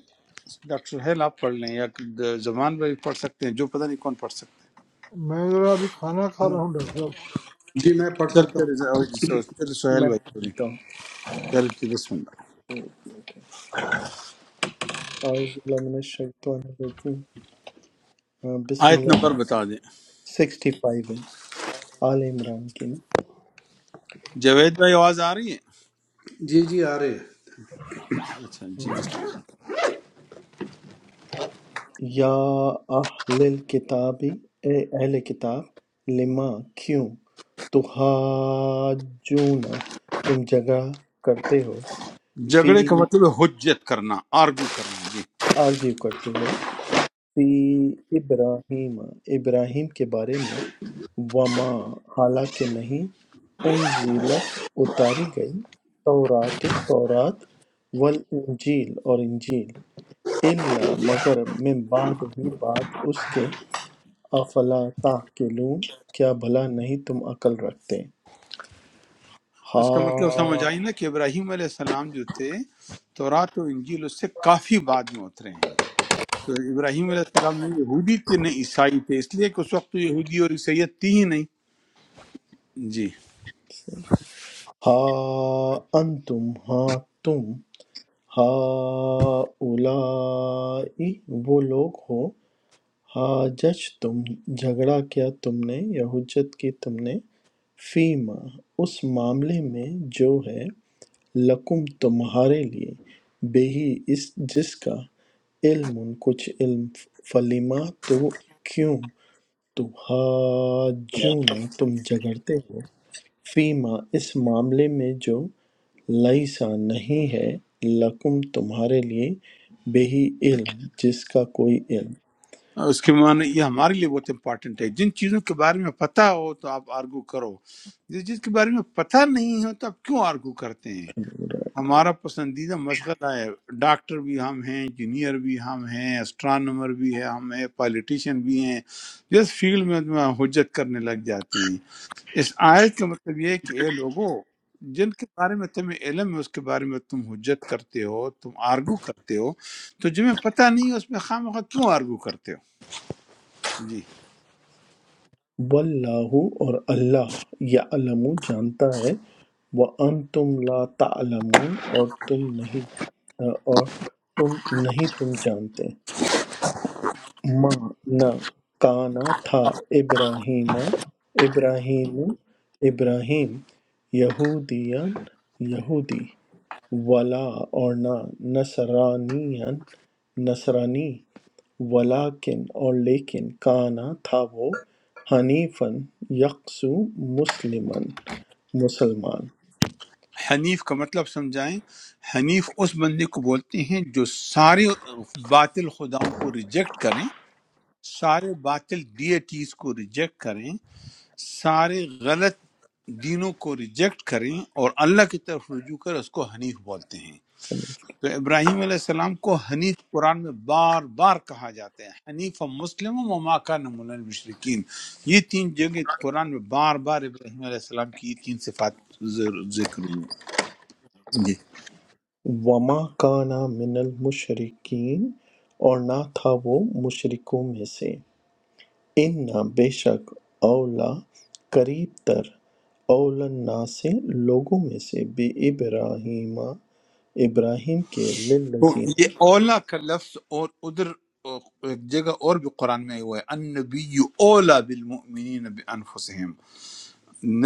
S1: ڈاکٹر ہیل آپ پڑھ لیں یا زبان بھائی پڑھ سکتے ہیں جو پتہ نہیں کون پڑھ سکتے ہیں
S6: मैं जरा अभी खाना खा
S2: میں
S6: रहा हूँ डॉक्टर
S4: جی میں پڑھ
S1: چل
S4: سکتا
S1: چل
S4: ہوں
S1: چل چل سہیل
S2: میں
S1: بھائی پڑھ
S2: پڑھ
S1: لیں
S2: لیتا ہوں
S1: چل ٹھیک بسم اللہ
S2: اعوذ باللہ من الشیطان الرجیم ہاں، بسم
S1: آیت
S2: اللہ
S1: نمبر بتا دیں
S2: سکسٹی فائیو ہے آل عمران کی
S1: جاوید بھائی آواز آ رہی
S4: جی جی آ رہے ہیں
S1: ہے اچھا جی بسم اللہ
S2: یا اہل الکتاب اے اہل کتاب لما کیوں تحاجون تم جگہ کرتے ہو فی
S1: جھگڑے کا مطلب ہے حجت کرنا آرگو کرنا جی
S2: آرگیو کرتے ہو فی ابراہیم ابراہیم کے بارے میں وما حالانکہ نہیں انزلت اتاری گئی تورات تورات والانجیل اور انجیل الا مگر من بعد ہی بعد اس کے افلا تعقلون کیا بھلا نہیں تم عقل رکھتے
S1: اس کا مطلب سمجھ
S2: ہا
S1: آئی نا کہ ابراہیم علیہ السلام جو تھے تورات و انجیل اس سے کافی بعد میں اترے ہیں تو ابراہیم علیہ السلام نے یہودی تھے نہ عیسائی تھے اس لیے کہ اس وقت تو یہودی اور عیسائیت تھی ہی نہیں جی
S2: ہا انتم ہا تم ہا اولائی وہ لوگ ہو ہا جج تم جھگڑا کیا تم نے یا حجت کی تم نے فیما اس معاملے میں جو ہے لکم تمہارے لیے بے ہی اس جس کا علم کچھ علم فلیما تو کیوں تم حاجون تم جگڑتے ہو فیما اس معاملے میں جو لیسا نہیں ہے لکم تمہارے لیے بے علم جس کا کوئی علم
S1: اس کے معنی یہ ہمارے لیے بہت امپارٹنٹ ہے جن چیزوں کے بارے میں پتہ ہو تو آپ آرگو کرو جس چیز کے بارے میں پتہ نہیں ہو تو آپ کیوں آرگو کرتے ہیں ہمارا پسندیدہ مشغلہ ہے ڈاکٹر بھی ہم ہیں انجینئر بھی ہم ہیں اسٹرانومر بھی ہے ہم ہیں پالیٹیشین بھی ہیں جس فیلڈ میں ہم حجت کرنے لگ جاتے ہیں اس آیت کا مطلب یہ ہے کہ اے لوگوں جن کے بارے میں تمہیں علم ہے اس کے بارے میں تم حجت کرتے ہو تم آرگو کرتے ہو تو جنہیں پتہ نہیں ہے اس میں خواہ مخواہ کیوں آرگو کرتے ہو جی
S2: واللہ اور اللہ یعلم جانتا ہے وانتم لا تعلمون اور تم نہیں اور تم نہیں تم جانتے ما نہ کانا تھا ابراہیم ابراہیم ابراہیم یہودین یہودی ولا اور نہ نصرانی نصرانی ولیکن اور لیکن کانا تھا وہ حنیفن یکسو مسلمن مسلمان
S1: حنیف کا مطلب سمجھائیں حنیف اس بندے کو بولتے ہیں جو سارے باطل خداؤں کو ریجیکٹ کریں سارے باطل ڈیٹیز کو ریجیکٹ کریں سارے غلط دینوں کو ریجیکٹ کریں اور اللہ کی طرف رجوع کر اس کو حنیف بولتے ہیں تو ابراہیم علیہ السلام کو حنیف قرآن میں بار بار کہا جاتا ہے حنیف و مسلم و ماکا نمول المشرقین یہ تین جگہ قرآن میں بار بار ابراہیم علیہ السلام کی یہ تین صفات ذر- ذکر ہوئی ہیں جی
S2: وما کانا من المشرکین اور نہ تھا وہ مشرکوں میں سے ان بے شک اولا قریب تر اولا الناس سے لوگوں میں سے بے ابراہیم ابراہیم کے
S1: تو
S2: للذین
S1: یہ اولا کا لفظ اور ادھر ایک جگہ اور بھی قرآن میں ہوا ہے ان نبی اولا بالمؤمنین بانفسہم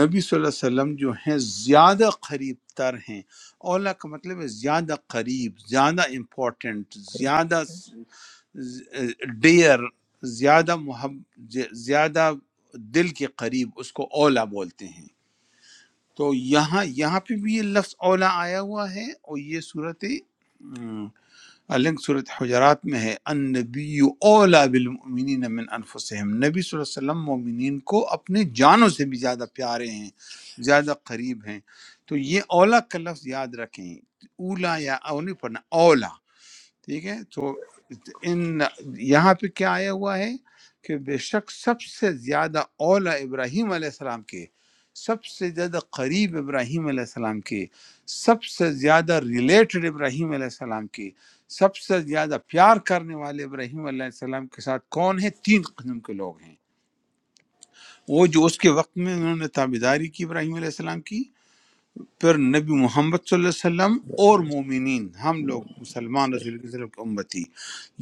S1: نبی صلی اللہ علیہ وسلم جو ہیں زیادہ قریب تر ہیں اولا کا مطلب ہے زیادہ قریب زیادہ امپورٹنٹ
S2: قریب
S1: زیادہ ڈیئر زیادہ محب زیادہ دل کے قریب اس کو اولا بولتے ہیں تو یہاں یہاں پہ بھی یہ لفظ اولا آیا ہوا ہے اور یہ صورت ام، الگ صورت حجرات میں ہے ان نبی اولا بالمؤمنین من انفسہم نبی صلی اللہ علیہ وسلم مومنین کو اپنے جانوں سے بھی زیادہ پیارے ہیں زیادہ قریب ہیں تو یہ اولا کا لفظ یاد رکھیں اولا یا اونی پڑھنا اولا ٹھیک ہے تو ان یہاں پہ کیا آیا ہوا ہے کہ بے شک سب سے زیادہ اولا ابراہیم علیہ السلام کے سب سے زیادہ قریب ابراہیم علیہ السلام کے سب سے زیادہ ریلیٹڈ ابراہیم علیہ السلام کے سب سے زیادہ پیار کرنے والے ابراہیم علیہ السلام کے ساتھ کون ہے تین قسم کے لوگ ہیں وہ جو اس کے وقت میں انہوں نے تابیداری کی ابراہیم علیہ السلام کی پھر نبی محمد صلی اللہ علیہ وسلم اور
S2: تر۔
S1: مومنین ہم لوگ مسلمان
S2: صحیح،
S1: رسول اللہ علیہ وسلم کی امتی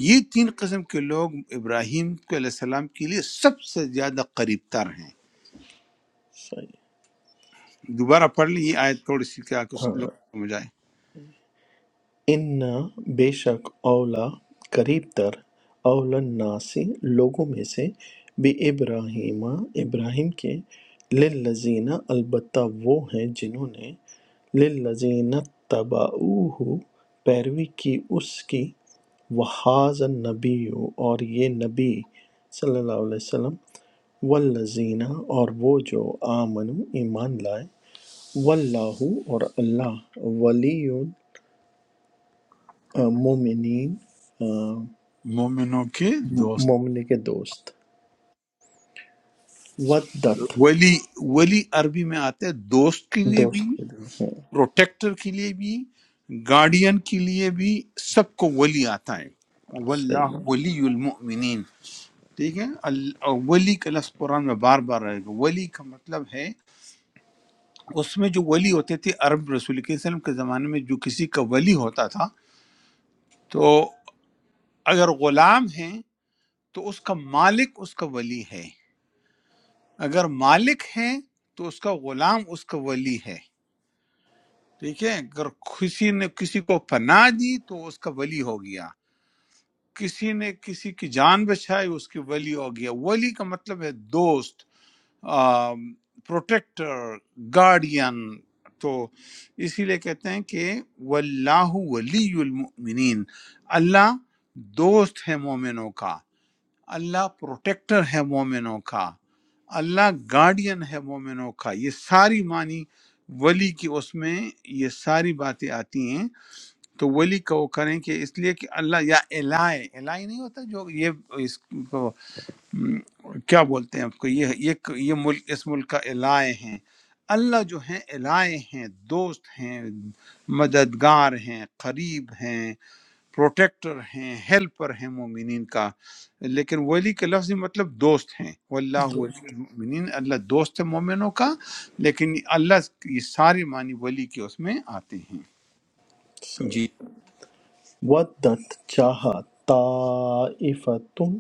S1: یہ تین قسم کے لوگ ابراہیم کو علیہ السلام کے لیے سب سے زیادہ قریب تر ہیں
S2: صحیح۔
S1: دوبارہ پڑھ لیں یہ آیت تھوڑی سی کیا کہ اس لوگ
S2: ہاں
S1: کو سمجھ آئے
S2: اِنَّ بے شک اولیٰ قریب تر اولی الناس لوگوں میں سے بِابراہیم ابراہیم ابراہیم کے للذین البتہ وہ ہیں جنہوں نے للذین تبعوہ پیروی کی اس کی وحاظ النبی اور یہ نبی صلی اللہ علیہ وسلم والذین اور وہ جو آمنو ایمان لائے واللہ اور اللہ ولی آ، مومنین آ،
S1: مومنوں کے دوست
S2: مومن کے دوست ودت
S1: ولی ولی عربی میں آتا ہے دوست کے لیے بھی
S2: دوست کے لیے ہاں
S1: پروٹیکٹر کے لیے بھی گارڈین کے لیے بھی سب کو ولی آتا ہے
S2: صحیح
S1: واللہ
S2: ہے
S1: ولی المؤمنین ٹھیک ہے ال- اور ولی کا لفظ قرآن میں بار بار رہے گا ولی کا مطلب ہے اس میں جو ولی ہوتے تھے عرب رسول کے وسلم کے زمانے میں جو کسی کا ولی ہوتا تھا تو اگر غلام ہیں تو اس کا مالک اس کا ولی ہے اگر مالک ہے تو اس کا غلام اس کا ولی ہے ٹھیک ہے اگر کسی نے کسی کو پناہ دی تو اس کا ولی ہو گیا کسی نے کسی کی جان بچائی اس کی ولی ہو گیا ولی کا مطلب ہے دوست پروٹیکٹر گارڈین تو اسی لیے کہتے ہیں کہ واللہ ولی المؤمنین اللہ دوست ہے مومنوں کا اللہ پروٹیکٹر ہے مومنوں کا اللہ گارڈین ہے مومنوں کا یہ ساری معنی ولی کی اس میں یہ ساری باتیں آتی ہیں تو ولی کا وہ کریں کہ اس لیے کہ اللہ یا الہ الہ نہیں ہوتا جو یہ اس م، کیا بولتے ہیں اس کو یہ یہ یہ ملک اس ملک کا الائے ہیں اللہ جو ہیں الائے ہیں دوست ہیں مددگار ہیں قریب ہیں پروٹیکٹر ہیں ہیلپر ہیں مومنین کا لیکن ولی کے لفظی مطلب دوست ہیں واللہ ولی
S2: دوست
S1: المؤمنین اللہ دوست ہے مومنوں کا لیکن اللہ یہ سارے معنی ولی کے اس میں آتے ہیں جی
S2: صحیح ودت چاہا طائفتم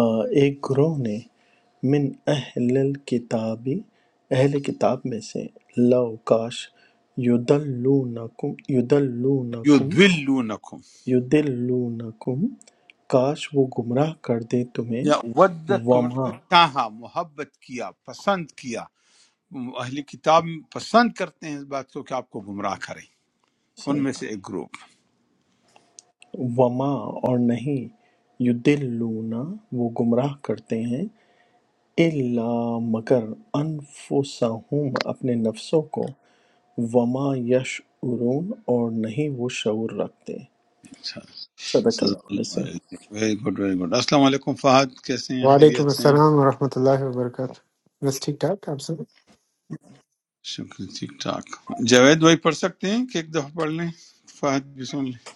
S2: آ، ایک گروہ نے من اہل الکتابی اہل کتاب میں سے لو کاش یدلونکم یدلونکم
S1: یدلونکم
S2: یدلونکم کاش وہ گمراہ کر دے تمہیں
S1: یا ودت کا مطلب
S2: وما
S1: ہے چاہا محبت کیا پسند کیا اہل کتاب پسند کرتے ہیں اس بات کو کہ آپ کو گمراہ کریں ان
S2: صحیح
S1: میں سے ایک گروپ
S2: وما اور نہیں یضلون وہ گمراہ کرتے ہیں الا مگر انفسہم اپنے نفسوں کو وما یشعرون اور نہیں وہ شعور رکھتے
S1: اچھا
S2: صدق
S1: صدق
S2: اللہ علیہ
S1: اللہ
S2: وسلم
S1: علیہ ویری گڈ ویری گڈ السلام علیکم فہد کیسے ہیں
S8: वालेकुम
S1: خیریت سے ہیں
S8: अस्सलाम वरहमतुल्लाहि वबरकातुह बस ठीक ठाक आप सब
S1: شکر ٹھیک ٹھاک جاوید بھائی پڑھ سکتے ہیں کہ ایک دفعہ پڑھ لیں فہد بھی سن لیں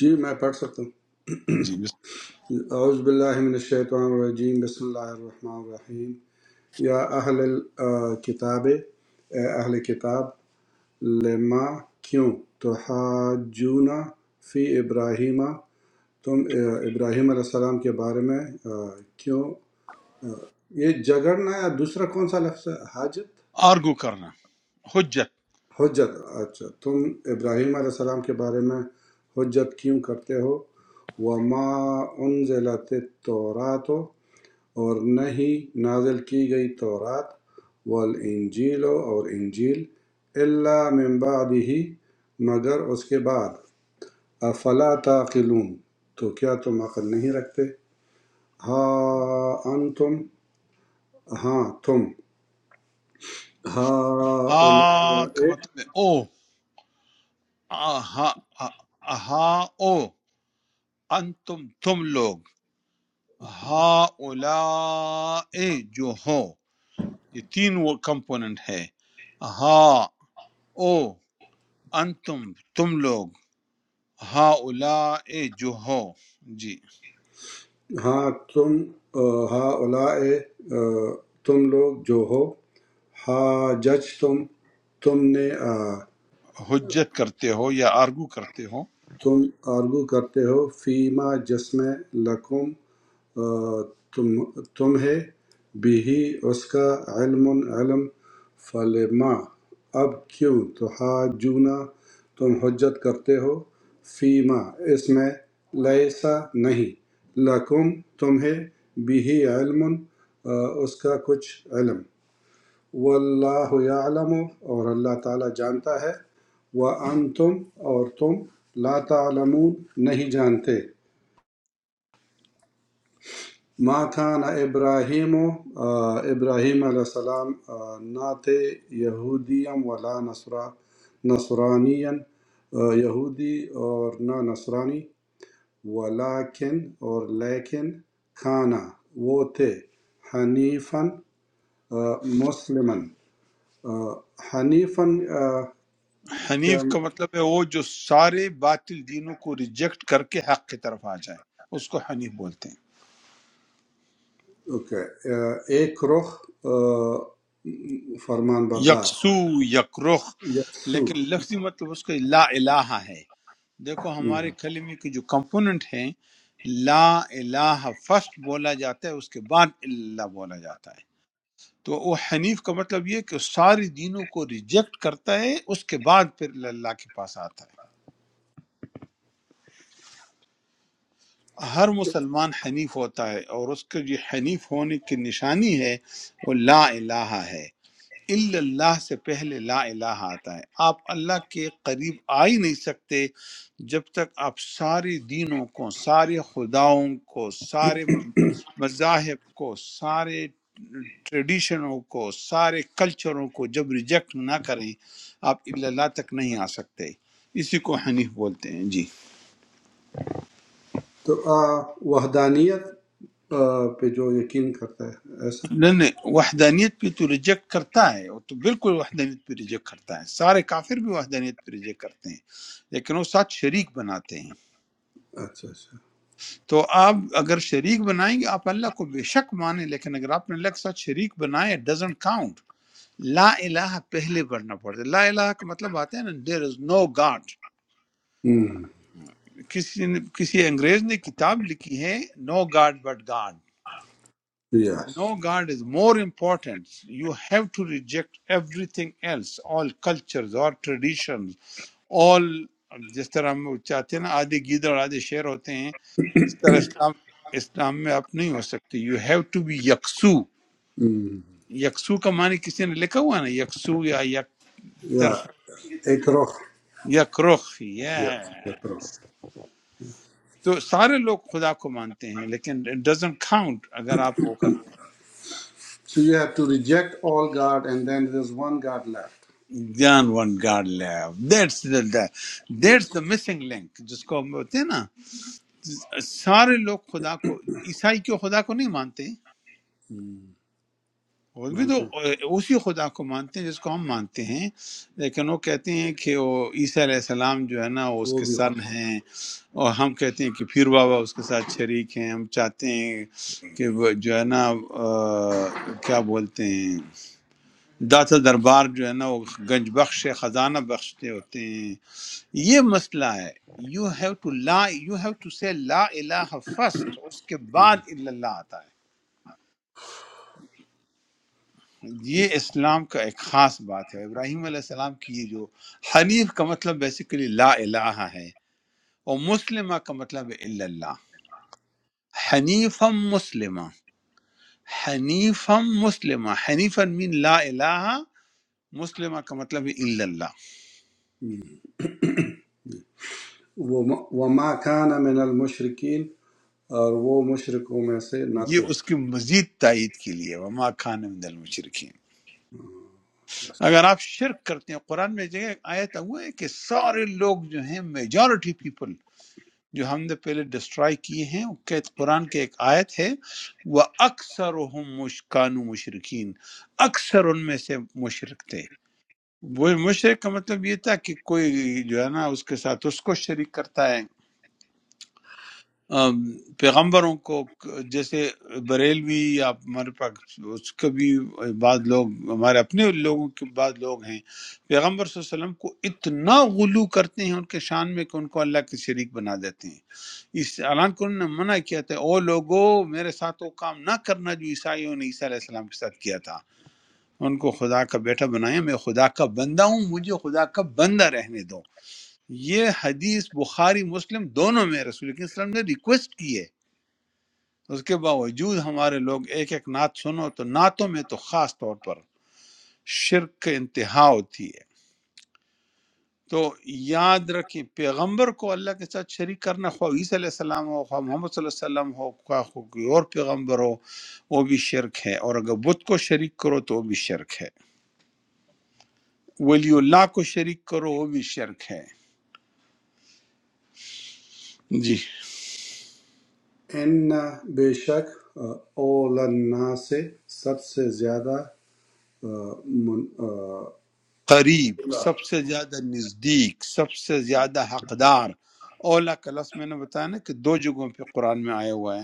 S4: جی میں پڑھ سکتا ہوں
S1: جی بس
S4: اعوذ باللہ من الشیطان الرجیم بسم اللہ الرحمن الرحیم یا اہل کتاب اے اہل کتاب لما کیوں تحاجونا فی ابراہیمہ تم اے، ابراہیم علیہ السلام کے بارے میں آ، کیوں آ، یہ جگڑنا یا دوسرا کون سا لفظ ہے حاجت
S1: آرگو کرنا حجت
S4: حجت اچھا تم ابراہیم علیہ السلام کے بارے میں حجت کیوں کرتے ہو وما انزلت التورات اور نہیں نازل کی گئی تورات والانجیل اور انجیل الا من بعد ہی مگر اس کے بعد افلا تعقلون تو کیا تم عقل نہیں رکھتے ہا انتم ہاں تم ہا
S1: ہا کا
S4: اولئک
S1: مطلب ہے او ہا ہا او انتم تم لوگ ہا اولا جو ہو یہ تین وہ کمپوننٹ ہے ہاں او انتم تم لوگ ہا اولا اے جو ہو جی
S4: ہاں تم ہاؤلاء تم لوگ جو ہو حاججتم تم تم نے
S1: حجت کرتے ہو یا آرگو کرتے ہو
S4: تم آرگو کرتے ہو فیما جس میں لکم تمہیں بھی اس کا علم علم فلما اب کیوں تحاجونا تم حجت کرتے ہو فیما اس میں لیسا نہیں لکم تمہیں بھی علم آ، اس کا کچھ علم واللہ یعلم اور اللہ تعالیٰ جانتا ہے وانتم اور تم لا تعلمون نہیں جانتے ما کان ابراہیم آ، ابراہیم علیہ السلام آ، نہ تھے یہودیم ولا نصرا نصرانین آ، یہودی اور نہ نصرانی ولیکن اور لیکن کھانا وہ تھے حنیفاً آ، مسلمن آ، حنیفاً آ،
S1: حنیف
S4: کیا
S1: کا مطلب ہے وہ جو سارے باطل دینوں کو ریجیکٹ کر کے حق کی طرف آ جائے اس کو حنیف بولتے ہیں
S4: اوکے اے- ایک رخ آ، فرمان بردار
S1: یکسو یکرخ
S4: یسو
S1: لیکن لفظی مطلب اس کا لا الہ ہے دیکھو
S4: ہم۔
S1: ہمارے کلمے کے جو کمپوننٹ ہیں لا الہ فرسٹ بولا جاتا ہے اس کے بعد اللہ بولا جاتا ہے تو وہ حنیف کا مطلب یہ ہے کہ وہ سارے دینوں کو ریجیکٹ کرتا ہے اس کے بعد پھر اللہ کے پاس آتا ہے ہر مسلمان حنیف ہوتا ہے اور اس کے یہ حنیف ہونے کی نشانی ہے وہ لا الہ ہے الا اللہ سے پہلے لا الہ آتا ہے آپ اللہ کے قریب آ ہی نہیں سکتے جب تک آپ سارے دینوں کو سارے خداؤں کو سارے م- مذاہب کو سارے ٹریڈیشنوں کو سارے کلچروں کو جب ریجیکٹ نہ کریں آپ الا اللہ تک نہیں آ سکتے اسی کو حنیف بولتے ہیں جی
S4: تو آ، وحدانیت آ، پہ جو یقین کرتا ہے ایسا
S1: نہیں نہیں وحدانیت پہ تو ریجیکٹ کرتا ہے وہ تو بالکل وحدانیت پہ ریجیکٹ کرتا ہے سارے کافر بھی وحدانیت پہ ریجیکٹ کرتے ہیں لیکن وہ ساتھ شریک بناتے ہیں
S4: اچھا اچھا
S1: تو آپ اگر شریک بنائیں گے آپ اللہ کو بے شک مانیں لیکن اگر آپ نے اللہ کے ساتھ شریک بنائے ڈزنٹ کاؤنٹ لا الہ پہلے بڑھنا پڑتا ہے لا الہ کا مطلب آتا ہے نا دیر از نو گاڈ
S4: ہم،
S1: کسی نے- کسی انگریز نے کتاب لکھی ہے no God but God
S4: yes
S1: No God is more important. You have to reject everything else, all cultures, all traditions, all جس طرح ہم چاہتے ہیں نا آدھے گیدڑ آدھے شیر ہوتے ہیں اس طرح اسلام اسلام میں آپ نہیں ہو سکتے یو ہیو ٹو بی یکسو
S4: ہم،
S1: یکسو کا معنی کسی نے لکھا ہوا ہے نا یکسو یا یک
S4: یا
S1: طرف
S4: ایک رخ
S1: یک رخ
S4: یس
S1: yeah.
S4: ایک رخ
S1: تو سارے لوگ خدا کو مانتے ہیں لیکن it doesn't count اگر آپ وہ کرتے ہیں
S4: so you have to reject all god and then there is one god left
S1: جان one god live that's
S4: yes
S1: that's the missing link جس کو ہم ہوتے ہیں نا سارے لوگ خدا کو عیسائی کیوں خدا کو نہیں مانتے
S4: ہم،
S1: وہ بھی تو
S4: مانتے ہیں
S1: اسی خدا کو مانتے ہیں جس کو ہم مانتے ہیں لیکن وہ کہتے ہیں کہ وہ عیسیٰ علیہ السلام جو ہے نا وہ اس
S4: وہ
S1: کے
S4: بھی خود
S1: سن ہیں اور ہم کہتے ہیں کہ پیر بابا اس کے ساتھ شریک ہیں ہم چاہتے ہیں کہ وہ جو ہے نا آ، کیا بولتے ہیں داتا دربار جو ہے نا وہ گنج بخش ہے، خزانہ بخشتے ہوتے ہیں یہ مسئلہ ہے یو ہیو ٹو لا یو ہیو ٹو سے لا الہ فرسٹ اس کے بعد الا اللہ آتا ہے یہ اسلام کا ایک خاص بات ہے ابراہیم علیہ السلام کی یہ جو حنیف کا مطلب بیسیکلی لا الہ ہے اور مسلمہ کا مطلب ہے الا اللہ حنیفم مسلمہ حنیفم مسلمہ حنیفن مین لا الہ مسلمہ کا مطلب ہے الا اللہ
S4: وہ وما کان من المشرکین اور وہ مشرکوں میں سے نہ
S1: یہ
S4: تھے
S1: اس کی مزید تائید کے لیے وما کان من المشرکین اگر آپ شرک کرتے ہیں قرآن میں جگہ آیت ہوا ہے کہ سارے لوگ جو ہیں میجورٹی پیپل جو ہم نے پہلے ڈسٹرائی کیے ہیں وہ کہ قرآن کے ایک آیت ہے وہ اکثر مشکان مشرقین اکثر ان میں سے مشرک تھے وہ مشرق کا مطلب یہ تھا کہ کوئی جو ہے نا اس کے ساتھ اس کو شریک کرتا ہے ام، پیغمبروں کو ک- جیسے بریلوی یا ہمارے پاس اس کا بھی بعض لوگ ہمارے اپنے لوگوں کے بعض لوگ ہیں پیغمبر صلی اللہ علیہ وسلم کو اتنا غلو کرتے ہیں ان کے شان میں کہ ان کو اللہ کے شریک بنا دیتے ہیں اس اعلان کو انہوں نے منع کیا تھا او لوگو میرے ساتھ وہ کام نہ کرنا جو عیسائیوں نے عیسیٰ علیہ السلام کے ساتھ کیا تھا ان کو خدا کا بیٹا بنایا میں خدا کا بندہ ہوں مجھے خدا کا بندہ رہنے دو یہ حدیث بخاری مسلم دونوں میں رسول کریم صلی اللہ علیہ وسلم نے ریکویسٹ کی ہے اس کے باوجود ہمارے لوگ ایک ایک نعت سنو تو نعتوں میں تو خاص طور پر شرک کا انتہا ہوتی ہے تو یاد رکھیں پیغمبر کو اللہ کے ساتھ شریک کرنا خواہ عیسی علیہ السلام ہو خواہ محمد صلی اللہ علیہ وسلم ہو خواہ خواہ کوئی اور پیغمبر ہو وہ بھی شرک ہے اور اگر بت کو شریک کرو تو وہ بھی شرک ہے ولی اللہ کو شریک کرو وہ بھی شرک ہے جی
S4: ان بے شک اول الناس سب سے زیادہ آ، من- آ،
S1: قریب سب سے زیادہ نزدیک سب سے زیادہ حقدار اولا کا لفظ میں نے بتایا نا کہ دو جگہوں پہ قرآن میں آیا ہوا ہے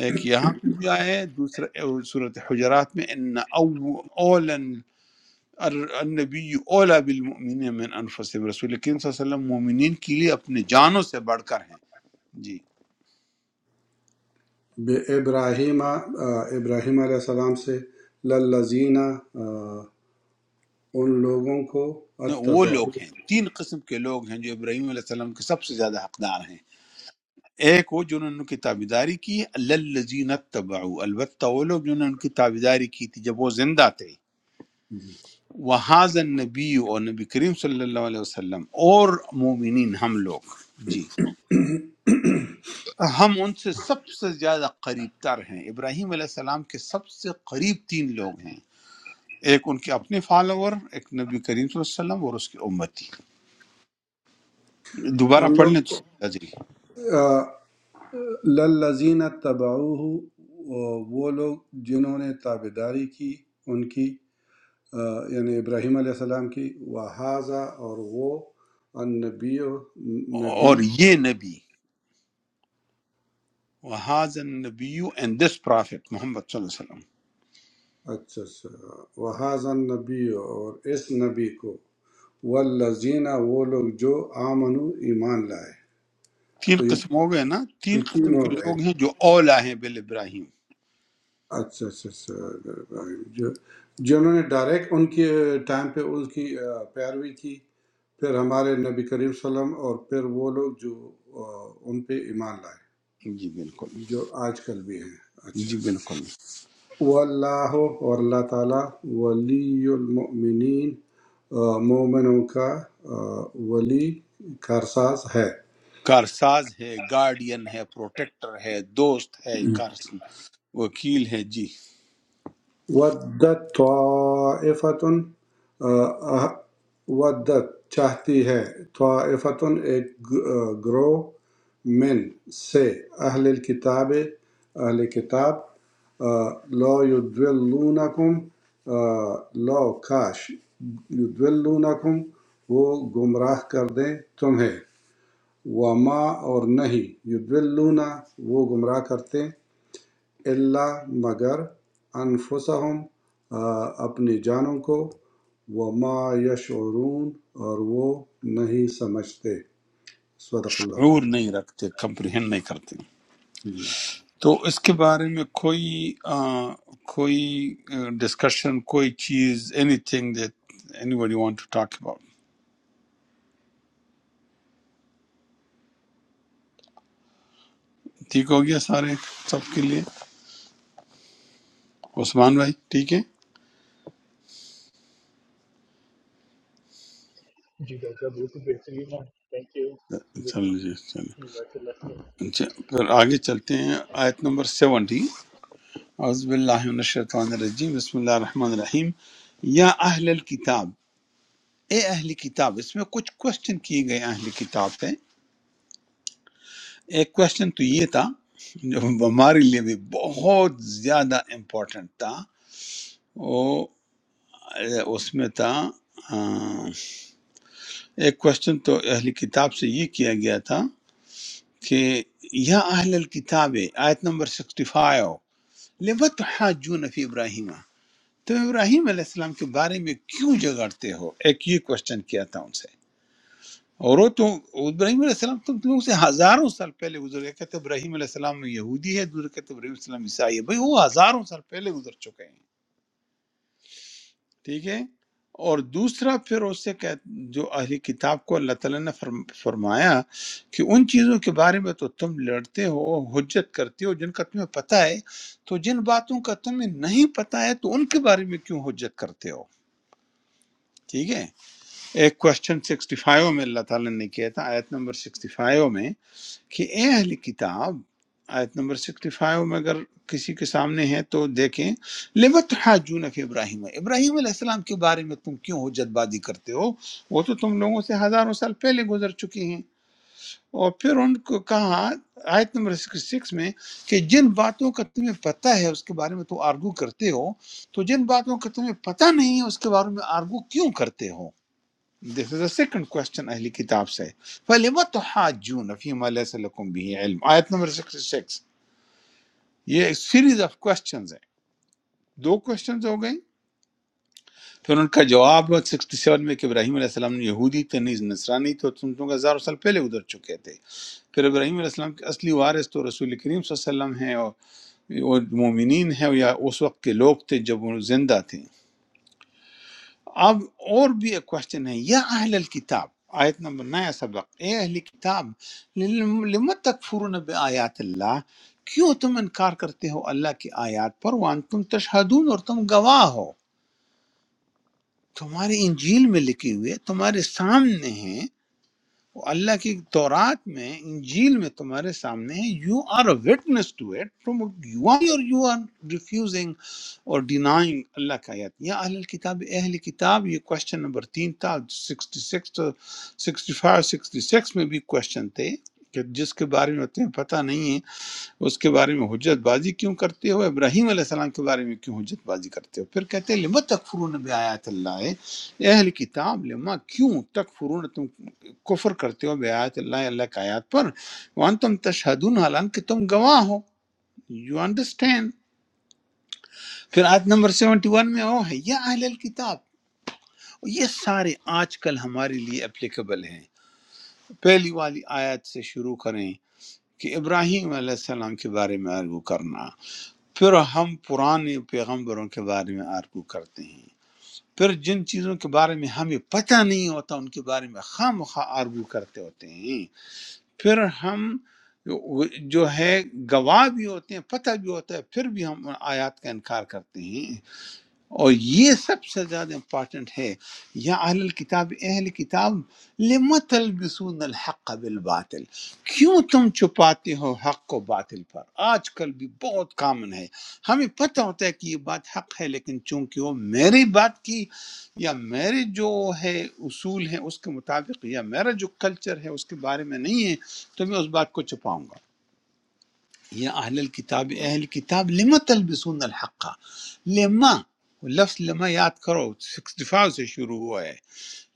S1: ایک یہاں پہ بھی آیا ہے دوسرا صورت حجرات میں ان او اولن النبی اولا بالمؤمنین من انفسهم رسول کریم صلی اللہ علیہ وسلم مومنین کے لیے اپنے جانوں سے بڑھ کر ہیں جی
S4: بے ابراہیم آ، ابراہیم علیہ السلام سے للذین آ، ان لوگوں کو
S1: نہ وہ
S4: اتبعو
S1: لوگ ہیں تین قسم کے لوگ ہیں جو ابراہیم علیہ السلام کے سب سے زیادہ حقدار ہیں ایک وہ جنہوں نے ان کی تابیداری کی الذین اتبعوا البتہ وہ لوگ جنہوں نے ان کی تابیداری کی تھی جب وہ زندہ تھے وہاذا النبی اور نبی کریم صلی اللہ علیہ وسلم اور مومنین ہم لوگ جی ہم ان سے سب سے زیادہ قریب تر ہیں ابراہیم علیہ السلام کے سب سے قریب تین لوگ ہیں ایک ان کے اپنے فالوور ایک نبی کریم صلی اللہ علیہ وسلم اور اس کی امتی دوبارہ
S4: ان
S1: پڑھ
S4: لوگ
S1: لیں تو سمجھ آ جائے گی۔
S4: آ، للذین اتبعوہ آ، وہ لوگ جنہوں نے تابعداری کی ان کی آ، یعنی ابراہیم علیہ السلام کی وہذا اور وہ النبی
S1: اور
S4: نبی
S1: یہ نبی وہاز نبی اینڈ دس پرافٹ محمد صلی اللہ علیہ وسلم
S4: اچھا اچھا وحاظ نبی اور اس نبی کو والذین وہ لوگ جو آمنو ایمان لائے
S1: تین
S4: تو یہ
S1: قسم
S4: اوکے
S1: ہو گئے نا تین
S4: یہ
S1: قسم
S4: تین ہو
S1: کے
S4: گئے
S1: لوگ ہیں جو اولا ہیں بل ابراہیم
S4: اچھا اچھا اچھا جو جنہوں نے ڈائریکٹ ان کے ٹائم پہ ان کی آ، پیروی کی پھر ہمارے نبی کریم صلی اللہ علیہ وسلم اور پھر وہ لوگ جو آ، ان پہ ایمان لائے
S1: جی بالکل
S4: جو آج کل بھی ہیں اچھا
S1: جی بالکل
S4: واللہ اور اللہ تعالیٰ ولی المؤمنین آ، مومنوں کا آ، ولی کارساز ہے
S1: کارساز ہے گارڈین ہے پروٹیکٹر ہے دوست ہے کار وکیل ہے جی
S4: ودت طائفت ودت چاہتی ہے طائفت ایک گ- آ، گروہ من سے اہل الکتاب اہل کتاب آ، لو یدولونکم آ، لو کاش یدولونکم وہ گمراہ کر دیں تمہیں وما اور نہیں یدولونا وہ گمراہ کرتے الا مگر انفسہم اپنی جانوں کو وما یشعرون اور وہ نہیں سمجھتے صدق اللہ
S1: شعور
S4: العظیم۔
S1: نہیں رکھتے کمپریہن نہیں کرتے تو اس کے بارے میں کوئی آ، کوئی ڈسکشن کوئی چیز anything that anybody want to talk about ٹھیک ہو گیا سارے سب کے لیے عثمان بھائی ٹھیک ہے
S7: जी डॉक्टर साहब बिल्कुल बेहतरीन है थैंक यू
S1: چلو جی چلیں
S7: जजाकल्ला
S1: اچھا، پھر آگے چلتے ہیں آیت نمبر سیونٹی اعوذ باللہ من الشیطان الرجیم بسم اللہ الرحمن الرحیم یا اہل الکتاب اے اہل کتاب اس میں کچھ کوشچن کیے گئے اہل کتاب پہ ایک کوشچن تو یہ تھا جو ہمارے لیے بھی بہت زیادہ امپورٹنٹ تھا وہ اے، اس میں تھا آ، ایک کوشچن تو اہل کتاب سے یہ کیا گیا تھا کہ یا اہل الکتاب آیت نمبر 65 لِمَ تحاجون فی ابراہیم تم ابراہیم علیہ السلام کے بارے میں کیوں جگڑتے ہو ایک یہ کوشچن کیا تھا ان سے اور وہ تو ابراہیم علیہ السلام تم لوگوں سے ہزاروں سال پہلے گزر گئے کہتے ہیں ابراہیم علیہ السلام یہودی ہے دوسرے کہتے ہیں ابراہیم علیہ السلام عیسائی ہے بھائی وہ ہزاروں سال پہلے گزر چکے ہیں ٹھیک ہے اور دوسرا پھر اس سے کہ جو اہلی کتاب کو اللہ تعالیٰ نے فرم- فرمایا کہ ان چیزوں کے بارے میں تو تم لڑتے ہو حجت کرتے ہو جن کا تمہیں پتہ ہے تو جن باتوں کا تمہیں نہیں پتہ ہے تو ان کے بارے میں کیوں حجت کرتے ہو ٹھیک ہے ایک کوشچن سکسٹی فائیو میں اللہ تعالیٰ نے کیا تھا آیت نمبر سکسٹی فائیو میں کہ اے اہل کتاب آیت نمبر 65 میں اگر کسی کے سامنے ہے تو دیکھیں لمت حاجون فی ابراہیم ابراہیم علیہ السلام کے بارے میں تم کیوں حجت بازی کرتے ہو وہ تو تم لوگوں سے ہزاروں سال پہلے گزر چکی ہیں اور پھر ان کو کہا آیت نمبر 66 میں کہ جن باتوں کا تمہیں پتہ ہے اس کے بارے میں تو آرگو کرتے ہو تو جن باتوں کا تمہیں پتہ نہیں ہے اس کے بارے میں آرگو کیوں کرتے ہو دس از اے سیکنڈ کوشچن اہلی کتاب سے فَلِمَ تُحَاجُّونَ فِي مَا لَيْسَ لَكُمْ بِهِ عِلْم آیت نمبر 66 یہ ایک سیریز آف کوشچنز ہیں دو کوشچنز ہو گئے پھر ان کا جواب 67 میں کہ ابراہیم علیہ السلام نے یہودی تھے نیز نصرانی تھے تم لوگ ہزاروں سال پہلے ادھر چکے تھے پھر ابراہیم علیہ السلام کے اصلی وارث تو رسول کریم صلی اللہ علیہ وسلم ہیں اور اور مومنین ہیں یا اس وقت کے لوگ تھے جب وہ زندہ تھے اب اور بھی ایک کوشچن ہے یا اہل الکتاب آیت نمبر نیا سبق اے اہل کتاب لم تکفرون بآیات اللہ کیوں تم انکار کرتے ہو اللہ کی آیات پر وان تم تشہدون اور تم گواہ ہو تمہاری انجیل میں لکھی ہوئی ہے تمہارے سامنے ہیں وہ اللہ کی تورات میں انجیل میں تمہارے سامنے ہے you are a witness to it تم یو آر اور یو آر ریفیوزنگ اور ڈینائنگ اللہ کا آیت یا اہل کتاب اہل کتاب یہ کوشچن نمبر تین تھا سکسٹی سکس تو سکسٹی فائیو سکسٹی سکس میں بھی کوشچن تھے کہ جس کے بارے میں تمہیں پتہ نہیں ہے اس کے بارے میں حجت بازی کیوں کرتے ہو ابراہیم علیہ السلام کے بارے میں کیوں حجت بازی کرتے ہو پھر کہتے ہیں لم تکفرون بے آیات اللہ اے اہل کتاب لما کیوں تکفرون تم کفر کرتے ہو بے آیات اللہ اللہ کا آیات پر وان تم تشہدون حالانکہ تم گواہ ہو یو انڈرسٹینڈ پھر آیت نمبر 71 میں وہ ہے یا اہل الکتاب یہ سارے آج کل ہمارے لیے اپلیکیبل ہیں پہلی والی آیت سے شروع کریں کہ ابراہیم علیہ السلام کے بارے میں آرگو کرنا پھر ہم پرانے پیغمبروں کے بارے میں آرگو کرتے ہیں پھر جن چیزوں کے بارے میں ہمیں پتہ نہیں ہوتا ان کے بارے میں خواہ مخواہ آرگو کرتے ہوتے ہیں پھر ہم جو ہے گواہ بھی ہوتے ہیں پتہ بھی ہوتا ہے پھر بھی ہم ان آیات کا انکار کرتے ہیں اور یہ سب سے زیادہ امپورٹنٹ ہے یا اہل الکتاب اہل کتاب لم تلبسون الحق بالباطل کیوں تم چھپاتے ہو حق کو باطل پر آج کل بھی بہت کامن ہے ہمیں پتہ ہوتا ہے کہ یہ بات حق ہے لیکن چونکہ وہ میری بات کی یا میرے جو ہے اصول ہیں اس کے مطابق یا میرا جو کلچر ہے اس کے بارے میں نہیں ہے تو میں اس بات کو چھپاؤں گا يا أهل الكتاب أهل الكتاب لما تلبسون الحق لما واللفظ لما ياد کرو 65 سے شروع ہوا ہے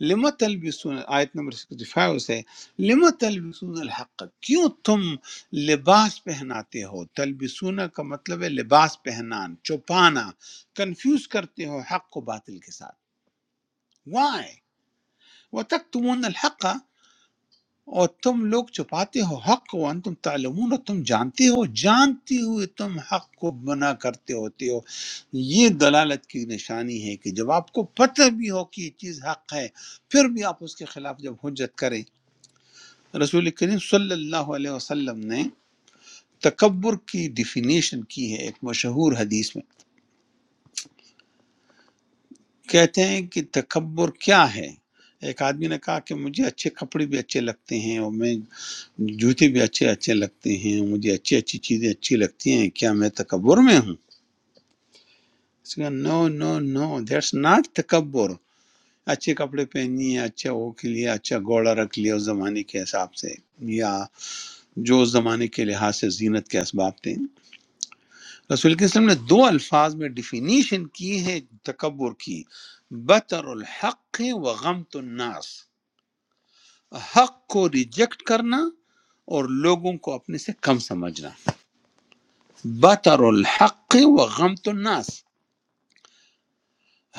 S1: لما تلبسون آیت نمبر 65 سے لما تلبسون الحق کیوں تم لباس پہناتے ہو تلبسون کا مطلب ہے لباس پہنان چھپانا کنفیوز کرتے ہو حق کو باطل کے ساتھ why وتكتمون الحق اور تم لوگ چھپاتے ہو حق کو انتم تعلمون اور تم جانتے ہو جانتے ہوئے تم حق کو منع کرتے ہوتے ہو یہ دلالت کی نشانی ہے کہ جب آپ کو پتہ بھی ہو کہ یہ چیز حق ہے پھر بھی آپ اس کے خلاف جب حجت کریں رسول کریم صلی اللہ علیہ وسلم نے تکبر کی ڈیفینیشن کی ہے ایک مشہور حدیث میں کہتے ہیں کہ تکبر کیا ہے ایک آدمی نے کہا کہ مجھے اچھے کپڑے بھی اچھے لگتے ہیں اور میں جوتے بھی اچھے اچھے لگتے ہیں مجھے اچھی اچھی چیزیں اچھی لگتی ہیں کیا میں تکبر میں ہوں اس نے کہا نو نو نو دیٹس ناٹ تکبر اچھے کپڑے پہنیے اچھا وہ کے لیے اچھا گوڑا رکھ لیا اس زمانے کے حساب سے یا جو اس زمانے کے لحاظ سے زینت کے اسباب تھے رسول کے وسلم نے دو الفاظ میں ڈیفینیشن کی ہے تکبر کی بطر الحق و غمت الناس حق کو ریجیکٹ کرنا اور لوگوں کو اپنے سے کم سمجھنا بطر الحق و غمت الناس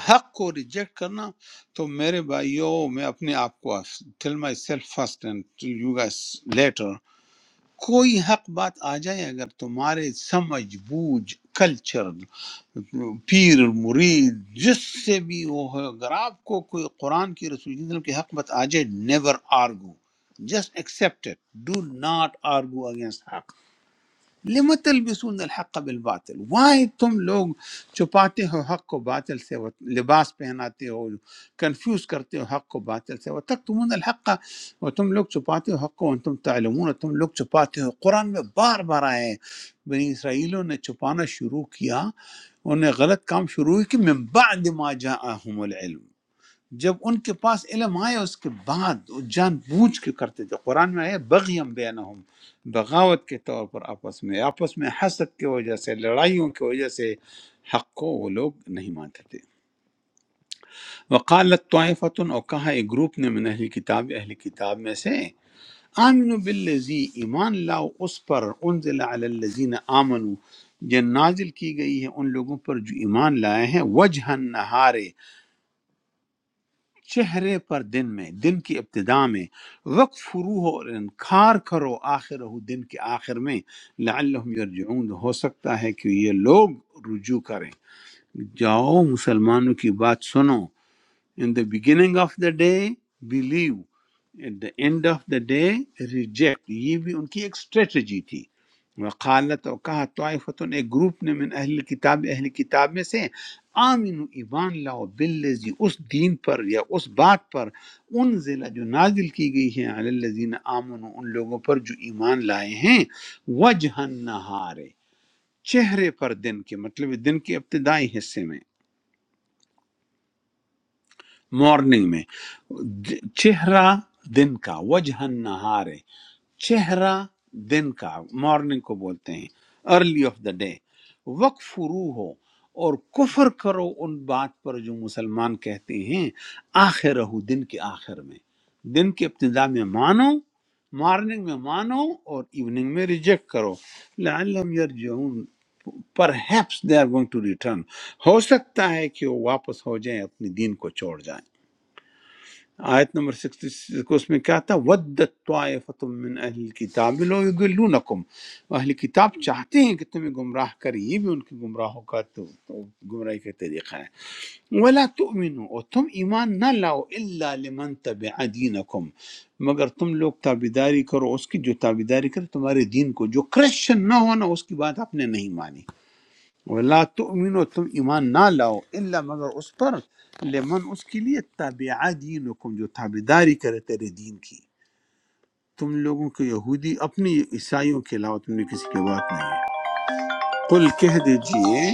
S1: حق کو ریجیکٹ کرنا تو میرے بھائیو میں اپنے آپ کو tell myself first and to you guys later کوئی حق بات آ جائے اگر تمہارے سمجھ بوجھ کلچر پیر مرید جس سے بھی وہ ہو اگر آپ کو کوئی قرآن کی رسول اللہ صلی اللہ علیہ وسلم کی حق بات آ جائے never argue just accept it do not argue against حق لما تلبسون الحق بالबातिल वाई तुम लोग छुपाते हो हक को बातिल से वो लिबास पहनाते हो कंफ्यूज करते हो हक को बातिल से वतकतमून الحق और तुम लोग छुपाते हो हक को और तुम تعلمون और तुम लोग छुपाते हो कुरान में बार-बार आया है बनी इसराइलों ने छुपाना शुरू किया उन्हें गलत काम शुरू हुई कि मिन बाद ما جاءهم العلم جب ان کے پاس علم آئے اس کے بعد وہ جان بوجھ کے کرتے تھے قرآن میں ہے بغیم بینہم بغاوت کے طور پر آپس میں آپس میں حسد کی وجہ سے لڑائیوں کی وجہ سے حق کو وہ لوگ نہیں مانتے تھے وقالت طائفتن اور کہا ایک گروپ نے من اہل کتاب اہل کتاب میں سے آمنوا باللزی ایمان لاؤ اس پر انزل علی الذین آمنوا یہ نازل کی گئی ہے ان لوگوں پر جو ایمان لائے ہیں وجہ النہار، چہرے پر دن میں دن کی ابتدا میں وقت فرو ہو اور انکار کرو آخر ہو دن کے آخر میں لعلہم یرجعون ہو سکتا ہے کہ یہ لوگ رجوع کریں جاؤ مسلمانوں کی بات سنو In the beginning of the day, believe. At the end of the day, reject. یہ بھی ان کی ایک اسٹریٹجی تھی وقالت اور کہا طائفتن ایک گروپ نے من اہل کتاب اہل کتاب میں سے آمین ایمان لاؤ باللزی اس دین پر یا اس بات پر ان ضلع جو نازل کی گئی ہے علی الذین آمنوا ان لوگوں پر جو ایمان لائے ہیں وجہ نہارے چہرے پر دن کے مطلب دن کے ابتدائی حصے میں مارننگ میں د- چہرہ دن کا وجہ نہار چہرہ دن کا مارننگ کو بولتے ہیں ارلی آف دا ڈے وقف فرو ہو اور کفر کرو ان بات پر جو مسلمان کہتے ہیں آخر ہو دن کے آخر میں دن کے ابتدا میں مانو مارننگ میں مانو اور ایوننگ میں ریجیکٹ کرو لعلم یرجعون perhaps they are going to return ہو سکتا ہے کہ وہ واپس ہو جائیں اپنی دین کو چھوڑ جائیں آیت نمبر 66 کو اس میں کیا تھا ودت طائفۃ من اہل الکتاب لو یضلونکم اہل کتاب چاہتے ہیں کہ تمہیں گمراہ کریں یہ بھی ان کی گمراہوں کا تو, تو گمراہی کا طریقہ ہے ولا تؤمنوا اور تم ایمان نہ لاؤ الا لمن تبع دینکم مگر تم لوگ تابیداری کرو اس کی جو تابیداری کرے تمہارے دین کو جو کرسچن نہ ہونا اس کی بات آپ نے نہیں مانی ولا تؤمنو تم ایمان نہ لاؤ الا مگر اس پر لمن اس کے لیے تابعہ دینکم جو تابعداری کرے تیرے دین کی تم لوگوں کے یہودی اپنی عیسائیوں کے علاوہ تم نے کسی کی بات نہیں ہے قل کہہ دیجئے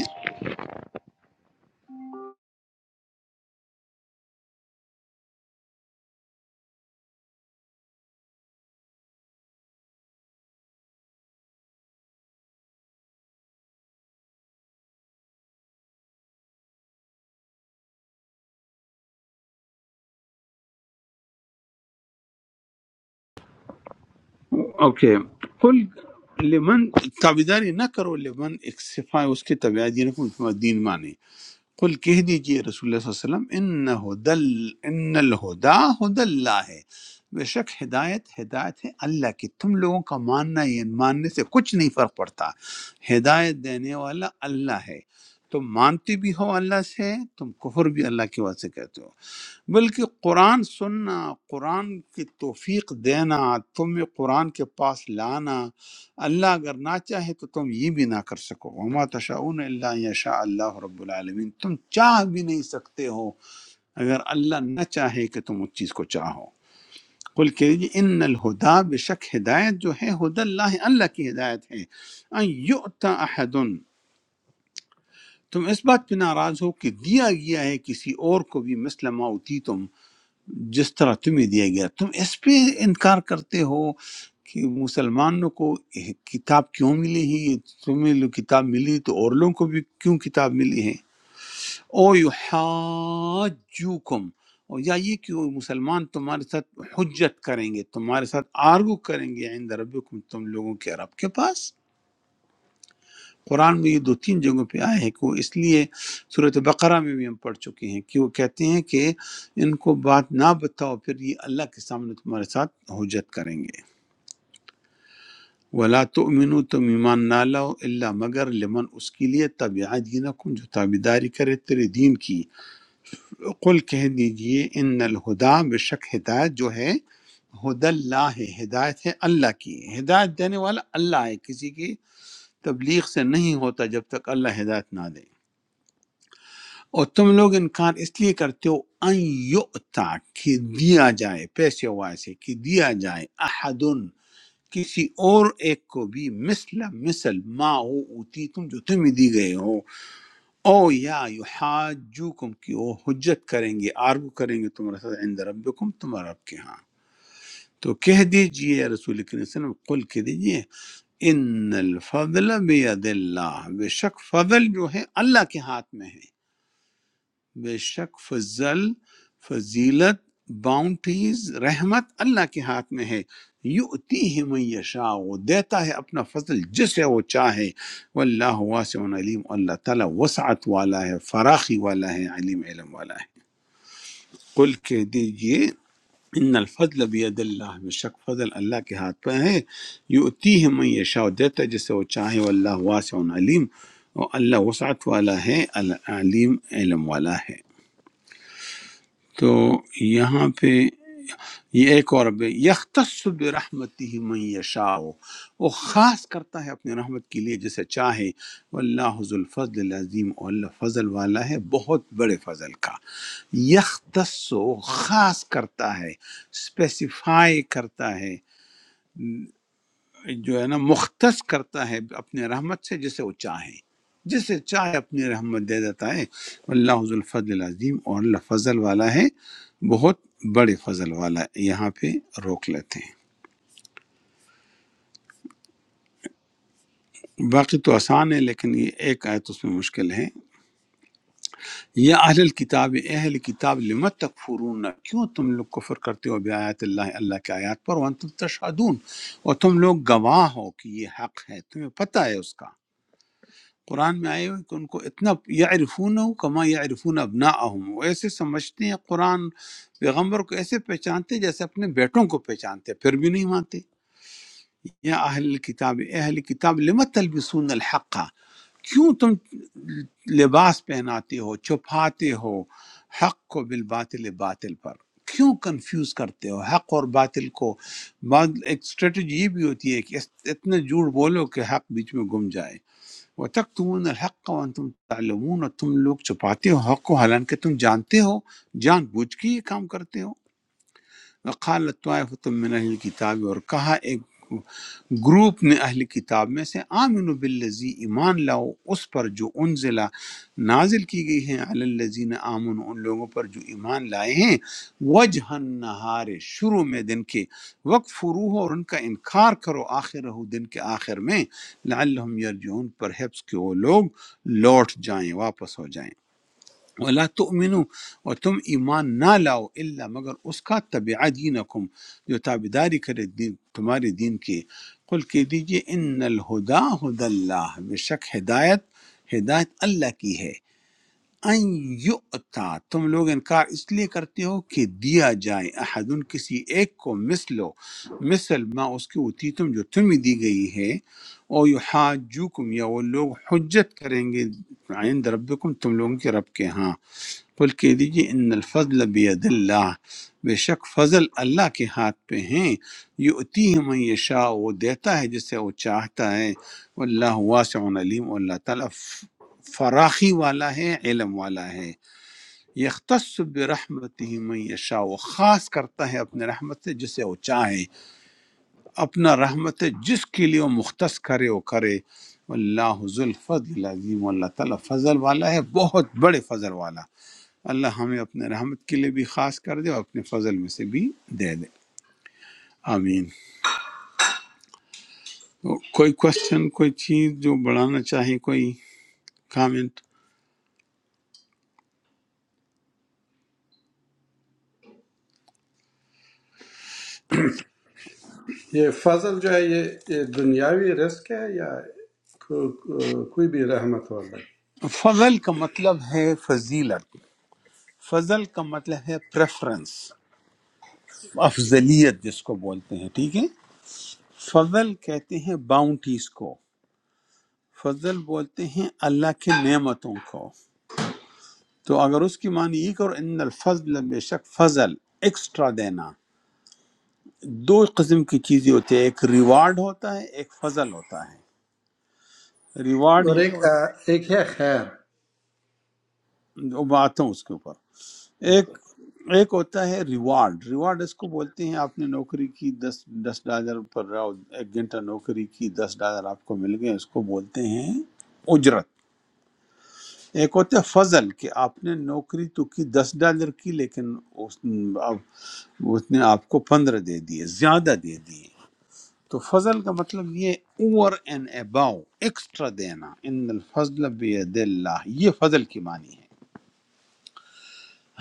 S1: اوکے قل لمن تابعداری نہ کرو لمن ایک صفا اس کے تابعہ دینکم تمہارا دین مانے قل کہہ دیجئے رسول اللہ صلی اللہ علیہ وسلم ان ہدل ان الہدا ہد اللہ ہے بے شک ہدایت ہدایت ہے اللہ کی تم لوگوں کا ماننا یہ ماننے سے کچھ نہیں فرق پڑتا ہدایت دینے والا اللہ ہے تم مانتے بھی ہو اللہ سے تم کفر بھی اللہ کی وجہ سے کرتے ہو بلکہ قرآن سننا قرآن کی توفیق دینا تمہیں قرآن کے پاس لانا اللہ اگر نہ چاہے تو تم یہ بھی نہ کر سکو وما تشاؤون الا ان یشاء اللہ رب العالمین تم چاہ بھی نہیں سکتے ہو اگر اللہ نہ چاہے کہ تم اس چیز کو چاہو قل کہ ان الہدا بے شک ہدایت جو ہے ہد اللہ اللہ کی ہدایت ہے ان یؤتا احد تم اس بات پہ ناراض ہو کہ دیا گیا ہے کسی اور کو بھی مثل ما اوتیتم جس طرح تمہیں دیا گیا تم اس پہ انکار کرتے ہو کہ مسلمانوں کو یہ کتاب کیوں ملی ہے تمہیں لو کتاب ملی تو اور لوگوں کو بھی کیوں کتاب ملی ہے او یحاجوکم اور یا یہ کہ وہ مسلمان تمہارے ساتھ حجت کریں گے تمہارے ساتھ آرگو کریں گے عند ربکم تم لوگوں کے رب کے پاس قرآن میں یہ دو تین جگہوں پہ آئے ہیں کہ وہ اس لیے صورت بقرہ میں بھی ہم پڑھ چکے ہیں کہ وہ کہتے ہیں کہ ان کو بات نہ بتاؤ پھر یہ اللہ کے سامنے تمہارے ساتھ حجت کریں گے ولا تؤمنو تم ایمان نہ لاؤ اللہ مگر لمن اس کے لیے تبع دینکم جو تابیداری کرے تیرے دین کی قل کہہ دیجئے ان الہدا بے شک ہدایت جو ہے ہد اللہ ہے ہدایت ہے اللہ کی ہدایت دینے والا اللہ ہے کسی کی تبلیغ سے نہیں ہوتا جب تک اللہ ہدایت نہ دے اور تم لوگ انکار اس لیے کرتے ہو ان یؤتا کہ دیا جائے پیسے واسے کہ دیا جائے احد کسی اور ایک کو بھی مثل مثل ما ہو اوتی تم جو تمہیں دی گئے ہو او یا یحاجوکم کہ وہ حجت کریں گے آرگو کریں گے تمہارے ساتھ عند ربکم تمہارے رب کے ہاں تو کہہ دیجئے رسول کریم صلی اللہ علیہ وسلم قل کہہ دیجئے ان الفضل بید اللہ بے شک فضل جو ہے اللہ کے ہاتھ میں ہے بے شک فضل فضیلت باؤنٹیز رحمت اللہ کے ہاتھ میں ہے یؤتی ہی من یشاء وہ دیتا ہے اپنا فضل جسے وہ چاہے واللہ واسع علیم اللہ تعالیٰ وسعت والا ہے فراخی والا ہے علیم علم والا ہے قل کہہ دیجئے ان الفضل بید اللہ بے شک فضل اللہ کے ہاتھ پہ ہے یؤتی ہی من یشاء دیتا ہے جسے وہ چاہے واللہ واسع علیم اور اللہ وسعت والا ہے علیم علم والا ہے تو یہاں پہ یہ ایک اور اب یختص برحمتہ من یشاء وہ خاص کرتا ہے اپنی رحمت کے لیے جسے چاہے واللہ ذو الفضل العظیم اور اللہ فضل والا ہے بہت بڑے فضل کا یختص خاص کرتا ہے اسپیسیفائی کرتا ہے جو ہے نا مختص کرتا ہے اپنے رحمت سے جسے وہ چاہے جسے چاہے اپنی رحمت دے دیتا ہے اللہ حض الفضل العظیم اور اللہ فضل والا ہے بہت بڑے فضل والا ہے۔ یہاں پہ روک لیتے ہیں باقی تو آسان ہے لیکن یہ ایک آیت اس میں مشکل ہے یا اہل کتاب اہل کتاب لمت تک فرون کیوں تم لوگ کفر کرتے ہو بیات اللہ اللہ کے آیات پر وانتم تشہدون اور تم لوگ گواہ ہو کہ یہ حق ہے تمہیں پتہ ہے اس کا قرآن میں آئے ہوئے کہ ان کو اتنا یعرفون کما یعرفون ابناءہم وہ ایسے سمجھتے ہیں قرآن پیغمبر کو ایسے پہچانتے ہیں جیسے اپنے بیٹوں کو پہچانتے ہیں پھر بھی نہیں مانتے یا اہل کتاب اے اہل کتاب لم تلبسون الحق کیوں تم لباس پہناتے ہو چھپاتے ہو حق کو بالباطل باطل پر کیوں کنفیوز کرتے ہو حق اور باطل کو بعد ایک اسٹریٹجی یہ بھی ہوتی ہے کہ اس- اتنا جھوٹ بولو کہ حق بیچ میں گم جائے وہ تک تمون الحق و تم تعلمون اور تم لوگ چھپاتے ہو حق کو حالانکہ تم جانتے ہو جان بوجھ کے یہ کام کرتے ہو وقال طائفۃ من اہل الکتاب اور کہا ایک گروپ میں اہل کتاب میں سے آمنو باللزی ایمان لاؤ اس پر جو انزلہ نازل کی گئی ہے علی الذین آمن ان لوگوں پر جو ایمان لائے ہیں وجہ النہار شروع میں دن کے وقت فروح اور ان کا انکار کرو آخر رہو دن کے آخر میں لعلہم یرجعون پر حفظ کے وہ لوگ لوٹ جائیں واپس ہو جائیں ولا تؤمنو اور تم ایمان نہ لاؤ الا مگر اس کا تبع دینکم جو تابداری کرے دین تمہارے دین کی قل کہہ دیجئے ان الہدا ہد اللہ بے شک ہدایت ہدایت اللہ کی ہے ان یؤتا تم لوگ انکار اس لیے کرتے ہو کہ دیا جائے احدن کسی ایک کو مثلو مثل ما اس کی ہوتی تم جو تمہیں دی گئی ہے او یحاجوکم یا وہ لوگ حجت کریں گے عند ربکم تم لوگوں کے رب کے ہاں قل کہہ دیجیے ان الفضل بید اللہ بے شک فضل اللہ کے ہاتھ پہ ہیں یؤتی ہے من یشاء وہ دیتا ہے جسے وہ چاہتا ہے واللہ واسع علیم اور اللہ تعالیٰ فراخی والا ہے علم والا ہے یختص برحمتہ من یشاء وہ خاص کرتا ہے اپنے رحمت سے جسے وہ چاہے اپنا رحمت جس کے لیے وہ مختص کرے وہ کرے اللہ ذو الفضل العظیم اللہ تعالیٰ فضل والا ہے بہت بڑے فضل والا اللہ ہمیں اپنے رحمت کے لیے بھی خاص کر دے اور اپنے فضل میں سے بھی دے دے آمین تو کوئی کوشچن کوئی چیز جو بڑھانا چاہیے کوئی کامنٹ
S4: یہ فضل جو ہے یہ یہ دنیاوی رزق ہے یا کو- کو- کوئی بھی رحمت والا ہے؟
S1: فضل کا مطلب ہے فضیلت فضل کا مطلب ہے پریفرنس افضلیت جس کو بولتے ہیں ٹھیک ہے فضل کہتے ہیں باؤنٹیز کو فضل بولتے ہیں اللہ کی نعمتوں کو تو اگر اس کی معنی یہ کرو ان الفضل بے شک فضل ایکسٹرا دینا دو قسم کی چیزیں ہوتی ہے ایک ریوارڈ ہوتا ہے ایک فضل ہوتا ہے ریوارڈ
S4: اور
S1: یہ
S4: ایک
S1: ہو-
S4: آ، ایک ہے خیر
S1: وہ بات ہوں اس کے اوپر
S4: اوکے۔
S1: ایک ایک ہوتا ہے ریوارڈ ریوارڈ اس کو بولتے ہیں آپ نے نوکری کی دس دس ڈالر پر راؤ- ایک گھنٹہ نوکری کی دس ڈالر آپ کو مل گئے اس کو بولتے ہیں اجرت ایک ہوتا ہے فضل کہ آپ نے نوکری تو کی دس ڈالر کی لیکن اس اب اس نے آپ کو پندرہ دے دیے زیادہ دے دیے تو فضل کا مطلب یہ اوور اینڈ اباؤ ایکسٹرا دینا ان الفضل بید اللہ یہ فضل کی معنی ہے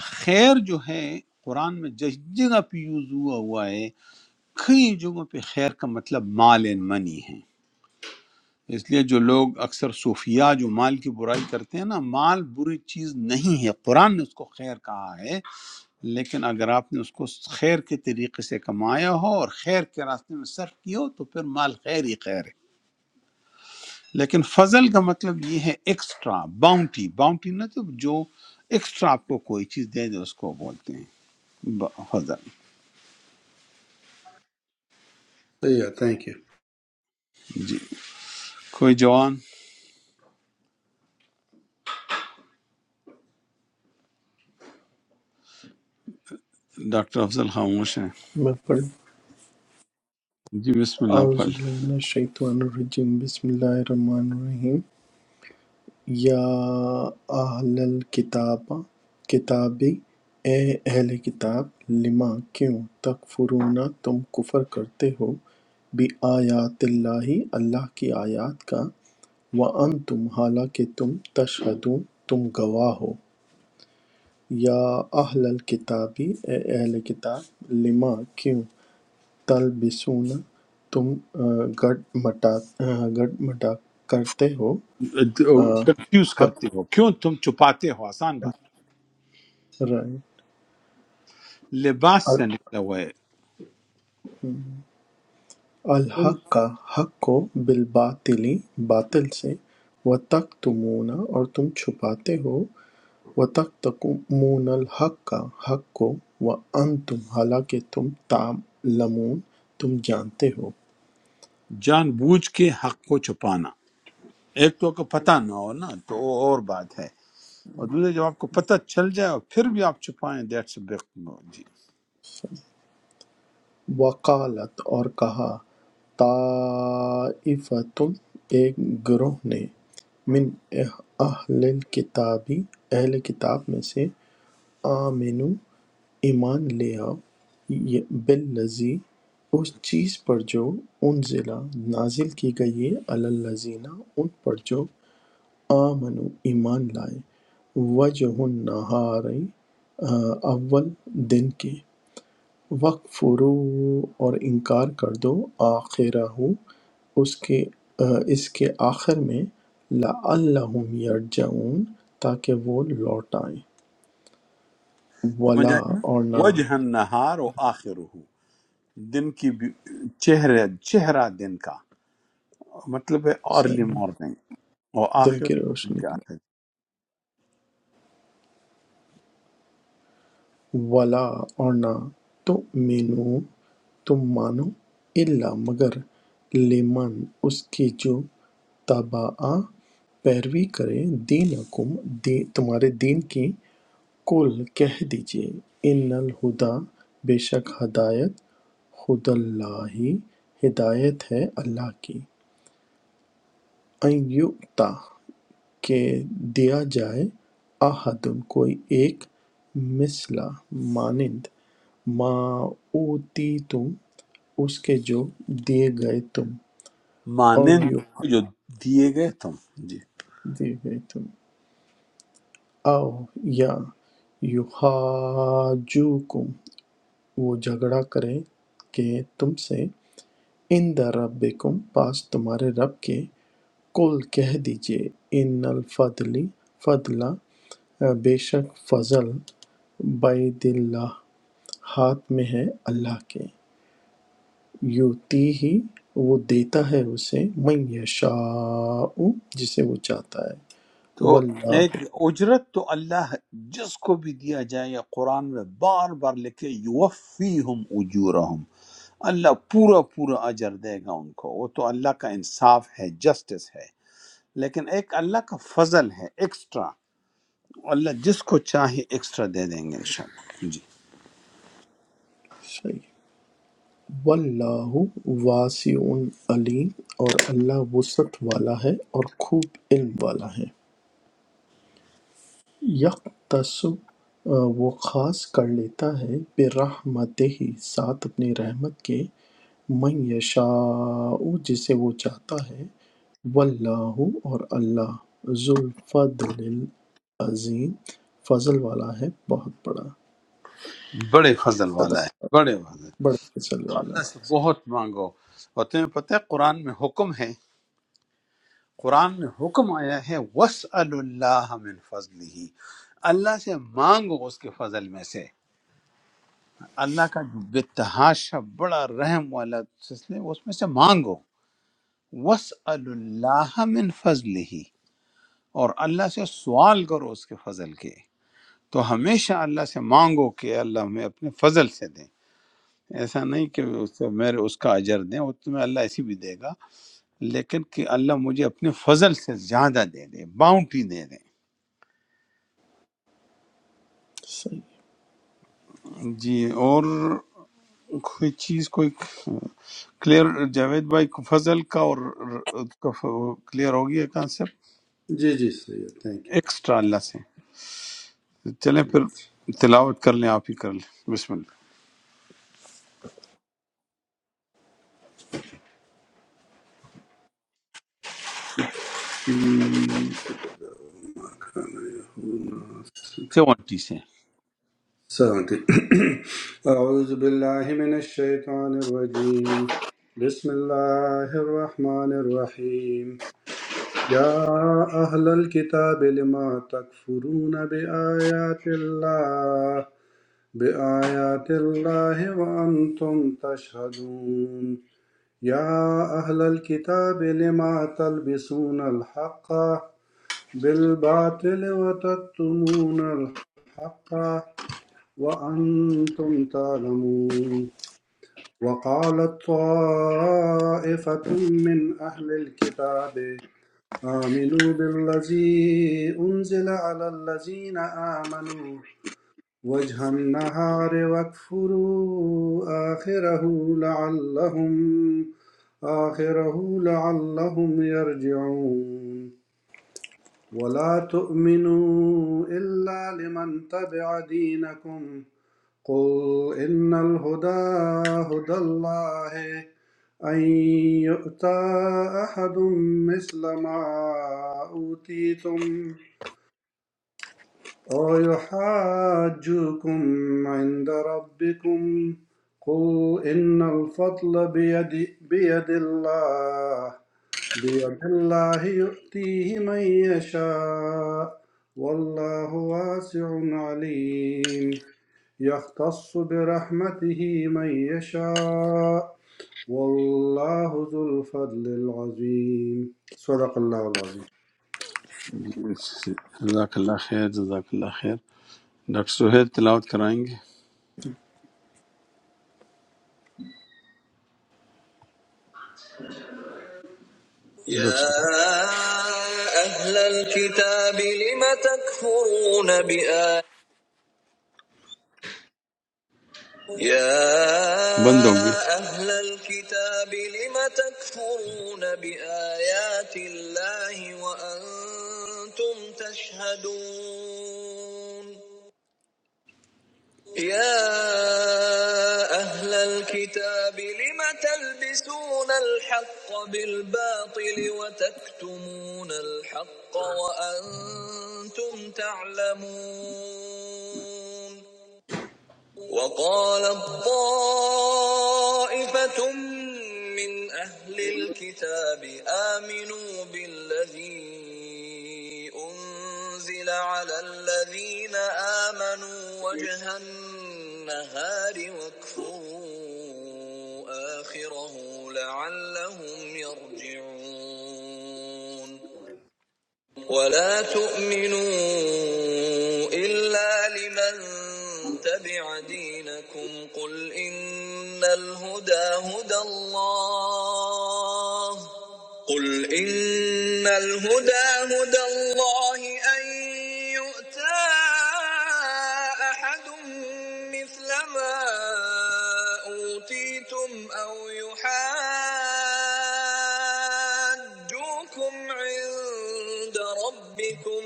S1: خیر جو ہے قرآن میں جس جگہ پہ یوز ہوا ہوا ہے کئی جگہوں پہ خیر کا مطلب مال اینڈ منی ہے اس لیے جو لوگ اکثر صوفیاء جو مال کی برائی کرتے ہیں نا مال بری چیز نہیں ہے قرآن نے اس کو خیر کہا ہے لیکن اگر آپ نے اس کو خیر کے طریقے سے کمایا ہو اور خیر کے راستے میں صرف کیا ہو تو پھر مال خیر ہی خیر ہے لیکن فضل کا مطلب یہ ہے ایکسٹرا باؤنٹی باؤنٹی نہ تو جو ایکسٹرا آپ کو کوئی چیز دے دے اس کو بولتے ہیں ب- فضل
S4: صحیح ہے تھینک یو
S1: جی کوئی جوان ڈاکٹر افضل خاموش ہیں
S2: میں پڑھ
S1: جی بسم اللہ
S2: اعوذ
S1: پل
S2: باللہ من الشیطان الرجیم بسم اللہ الرحمن الرحیم یا اہل الکتاب کتابی، اے اہل کتاب لم کیوں تکفرون تم کفر کرتے ہو بآیات اللہ اللہ کی آیات کا وانتم حالانکہ تم تشہدون تم گواہ ہو یا اہل الکتاب اے اہل کتاب لم کیوں تلبسون تم آ، گڑ مٹا آ، گڑ مٹا کرتے ہو آ،
S1: کنفیوز
S2: حق
S1: کرتے ہو کیوں تم چھپاتے ہو آسان بات
S2: رائے
S1: لباس سے نکلا ہوا ہے تم
S2: الحق حق کو بالباطل باطل سے وتکتمون اور تم چھپاتے ہو وتکتمون الحق حق کو وانتم حالانکہ تم تعلمون تم جانتے ہو
S1: جان بوجھ کے حق کو چھپانا ایک تو کو پتہ نہ ہو نا تو وہ اور بات ہے اور دوسرے جب آپ کو پتہ چل جائے اور پھر بھی آپ چھپائیں دیٹس بگ نو۔ جی
S2: وقالت اور کہا طائفتم ایک گروہ نے من اہل کتابی اہل کتاب میں سے آمنو ایمان لے آؤ بالذی اس چیز پر جو انزل نازل کی گئی ہے علی الذین ان پر جو آمنو ایمان لائے وجہ النہار اول دن کے وقفرو اور انکار کر دو آخرہ اس کے آ، اس کے آخر میں لعلہم یرجعون تاکہ وہ لوٹ آئیں
S1: سمجھ
S2: ولا
S1: آئے نا؟
S2: اور نہ
S1: وجہ نہار و آخر دن کی بھی- چہرے چہرہ دن کا مطلب ہے ارلی
S2: صحیح
S1: مارننگ اور
S2: دن
S1: آخر
S2: کی
S1: دن
S2: روشنی
S1: کا
S2: وَلَا اور نہ تُؤْمِنُوا تم مانو إِلَّا مگر لِمَن اس کی جو تَبَعَ پیروی کرے دینکم دی تمہارے دین کی قُل کہہ دیجئے ان الہدیٰ بے شک ہدایت خود اللہ ہدایت ہے اللہ کی ان یؤتى کہ دیا جائے احدٌ کوئی ایک مثلہ مانند ما أوتیتم اس کے جو دیے گئے تم او
S1: مانند
S2: یو
S1: جو دیے گئے تم جی
S2: دیے گئے تم او یا یحاجوکم وہ جھگڑا کرے کہ تم سے ان در ربکم پاس تمہارے رب کے کل کہہ دیجئے ان الفضلی فضلہ بے شک فضل بید اللہ ہاتھ میں ہے اللہ کے یوتی ہی وہ دیتا ہے اسے من یشاء جسے وہ چاہتا ہے
S1: تو
S2: واللہ
S1: ایک اجرت تو اللہ جس کو بھی دیا جائے یا قرآن میں بار بار لکھے یوفیہم اجورہم اللہ پورا پورا اجر دے گا ان کو وہ تو اللہ کا انصاف ہے جسٹس ہے لیکن ایک اللہ کا فضل ہے ایکسٹرا اللہ جس کو چاہے ایکسٹرا دے دیں گے انشاءاللہ
S2: صحیح واللہ واسع علیم اور اللہ وسعت والا ہے اور خوب علم والا ہے یکتصب آ، وہ خاص کر لیتا ہے برحمتہ ہی ساتھ اپنی رحمت کے من یشاء جسے وہ چاہتا ہے واللہ اور اللہ ذو الفضل العظیم فضل والا ہے بہت بڑا
S1: جی بڑے فضل
S2: صدق
S1: والا ہے بڑے فضل
S2: بڑے فضل
S1: تو
S2: والا
S1: اللہ
S2: ہے
S1: سے بہت مانگو اور تمہیں پتہ ہے قرآن میں حکم ہے قرآن میں حکم آیا ہے وسأل اللہ من فضله اللہ سے مانگو اس کے فضل میں سے اللہ کا جو بتحاشا بڑا رحم والا سلسلہ ہے، اس میں سے مانگو وسأل اللہ من فضله اور اللہ سے سوال کرو اس کے فضل کے تو ہمیشہ اللہ سے مانگو کہ اللہ ہمیں اپنے فضل سے دے ایسا نہیں کہ اس سے میرے اس کا اجر دیں وہ تمہیں اللہ اسی بھی دے گا لیکن کہ اللہ مجھے اپنے فضل سے زیادہ دے دے باؤنٹی دے دے
S2: صحیح
S1: جی اور کوئی چیز کوئی کلیئر جاوید بھائی کو فضل کا اور کلیئر ہو گیا کانسیپٹ
S4: جی جی صحیح ہے تھینک
S1: ایکسٹرا اللہ سے چلیں پھر تلاوت کر لیں آپ ہی کر لیں بسم اللہ
S4: یو
S1: سیونٹی سے
S4: سأنتي *coughs* *clears throat* أعوذ بالله من الشيطان الرجيم بسم الله الرحمن الرحيم يا أهل الكتاب لما تكفرون بآيات الله بآيات الله وأنتم تشهدون يا أهل الكتاب لما تلبسون الحق بالباطل وتكتمون الحق وأنتم تعلمون وقالت طائفة من أهل الكتاب آمنوا بالذي أنزل على الذين آمنوا وجه النهار واكفروا آخره لعلهم آخره لعلهم يرجعون ولا تؤمنوا إلا لمن تبع دينكم قل إن الهدى هدى الله أن يؤتى أحد مثل ما أوتيتم أَوْيُحَاجُّوكُمْ عِندَ رَبِّكُمْ ۗ قُلْ إِنَّ الْفَضْلَ بِيَدِ, بيد اللَّهِ بيد الله يؤتيه من يشاء والله واسع عليم يختص برحمته من يشاء والله ذو الفضل العظيم صدق الله العظيم
S1: جزاک اللہ خیر جزاک اللہ خیر ڈاکٹر سہیل تلاوت کرائیں گے
S2: يا
S1: ڈاکٹر
S2: أهل الكتاب لم تكفرون بآيات يا
S1: سہیل بند ہو گیا
S2: أهل الكتاب لم تكفرون بآيات الله وأنتم تشهدون يا أهل الكتاب لم تلبسون الحق بالباطل وتكتمون الحق وأنتم تعلمون وقال الطائفة من أهل الكتاب آمنوا بالذي أنزل على الذين آمنوا وجه النهار واكفروا آخره لعلهم يرجعون ولا تؤمنوا إلا لمن تبع دينكم قل إن الهدى هدى الله قل إن الهدى هدى الله أن يؤتى أحد مثل ما أوتيتم أو يحاجوكم عند ربكم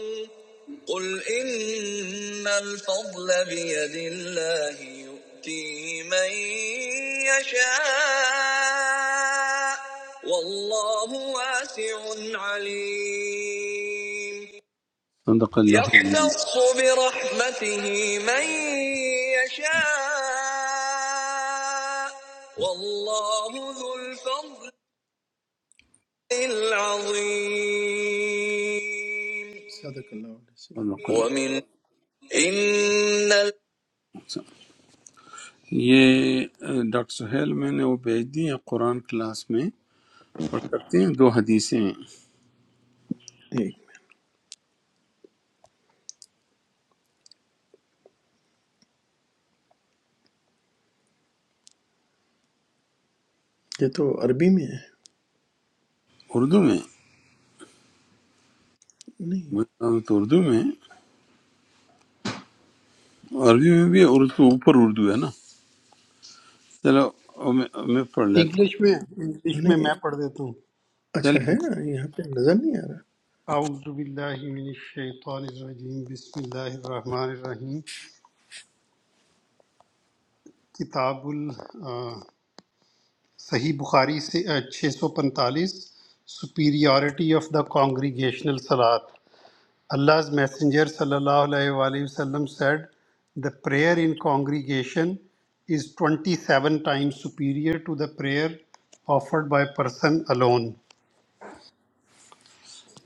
S2: قل إن الفضل بيد الله يؤتيه من يشاء والله واسع عليم
S1: صدق اللہ العظیم،
S2: يختص برحمته من يشاء والله ذو الفضل العظیم صدق اللہ علیہ
S1: صدق
S2: وسلم۔
S1: اللہ
S2: ومن إن ال-
S1: العظیم۔ یہ اہ، ڈاکٹر سہیل میں نے وہ بھیج دی ہے قرآن کلاس میں پڑھ سکتے ہیں دو حدیثیں ہیں
S2: ایک منٹ، یہ تو عربی میں ہے
S1: اردو میں
S2: نہیں
S1: میرا تو اردو میں عربی میں بھی اور اس کے اوپر اردو ہے نا چلو اب میں اب میں پڑھ لیتا
S3: انگلش میں انگلش میں
S2: نہیں
S3: میں پڑھ دیتا ہوں
S1: ہوں
S2: اچھا ہے
S1: چل
S2: یہاں پہ نظر نہیں آ رہا
S3: اعوذ باللہ من الشیطان الرجیم بسم اللہ الرحمن الرحیم کتاب ال آ، صحیح بخاری سے چھ سو پنتالیس سپیریورٹی آف دا کانگریگیشنل سلاد Allah's messenger sallallahu alaihi wasallam said the prayer in congregation is 27 times superior to the prayer offered by person alone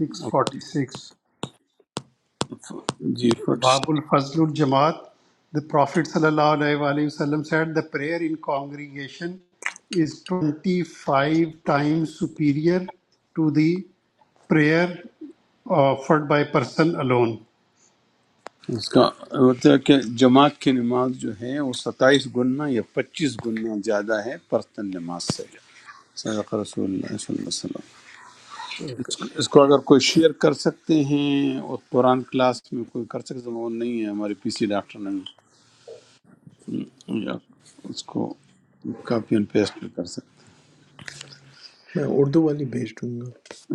S3: 646
S1: جی فٹ
S3: Babul Fazlul Jamaat, the Prophet sallallahu alaihi wa alihi wasallam said the prayer in congregation is 25 times superior to the prayer uh, offered by person alone.
S1: اس کا مطلب کہ جماعت کی نماز جو ہے وہ ستائیس گنا یا پچیس گنا زیادہ ہے پرتن نماز سے صدق رسول اللہ صلی اللہ علیہ وسلم اس کو اس کو اگر کوئی شیئر کر سکتے ہیں اور قرآن کلاس میں کوئی کر سکتے وہ نہیں ہے ہمارے پی سی ڈاکٹر نے ہم اس کو کاپی اینڈ پیسٹ کر سکتے ہیں۔
S2: میں اردو والی بھیج دوں گا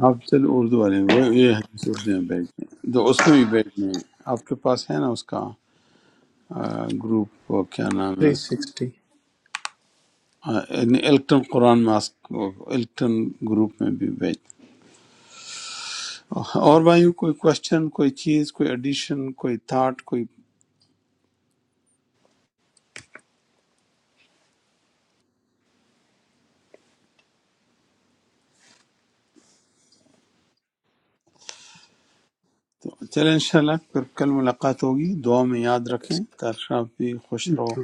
S1: آپ چلو اردو والے وہ یہ حدیث اردو میں بیٹھ گئے تو اس میں بھی بیٹھ گئے آپ کے پاس ہے نا اس کا آ، گروپ وہ کیا نام ہے
S2: تھری
S1: اس کا
S2: سکسٹی
S1: آ، یعنی الکٹن قرآن ماسک وہ الکٹن گروپ میں بھی بیٹھ اور بھائیوں کوئی کوشچن کوئی چیز کوئی ایڈیشن کوئی تھاٹ کوئی تو چلیں انشاءاللہ پھر کل ملاقات ہوگی دعا میں یاد رکھیں تاکہ آپ بھی خوش رہو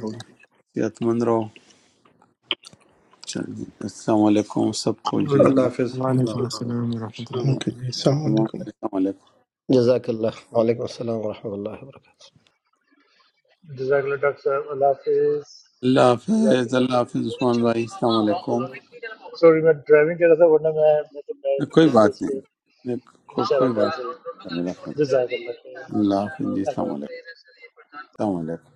S1: صحت مند رہو چلیں جی السلام علیکم سب کو جی
S3: Right.
S4: الله
S1: اللہ
S4: حافظ
S8: वालेकुम अस्सलाम वरहमतुल्लाह
S2: اوکے جی السلام
S1: السلام
S2: علیکم
S1: علیکم
S5: جزاک اللہ وعلیکم السلام ورحمۃ اللہ وبرکاتہ
S7: डॉक्टर साहब अल्लाह हाफिज
S1: اللہ حافظ
S7: जजाकल्ला
S1: اللہ
S7: खैर
S1: حافظ عثمان بھائی السلام علیکم
S7: सॉरी मैं ड्राइविंग कर रहा था वरना मैं मैं तो मैं
S1: کوئی
S7: करते
S1: بات
S7: इसको
S1: نہیں کو, کوئی
S7: इंशाल्लाह कल
S1: بات
S7: से
S1: نہیں السلام علیکم۔
S7: जजाकल्ला
S1: اللہ حافظ جی السلام علیکم
S7: खैर
S1: السلام علیکم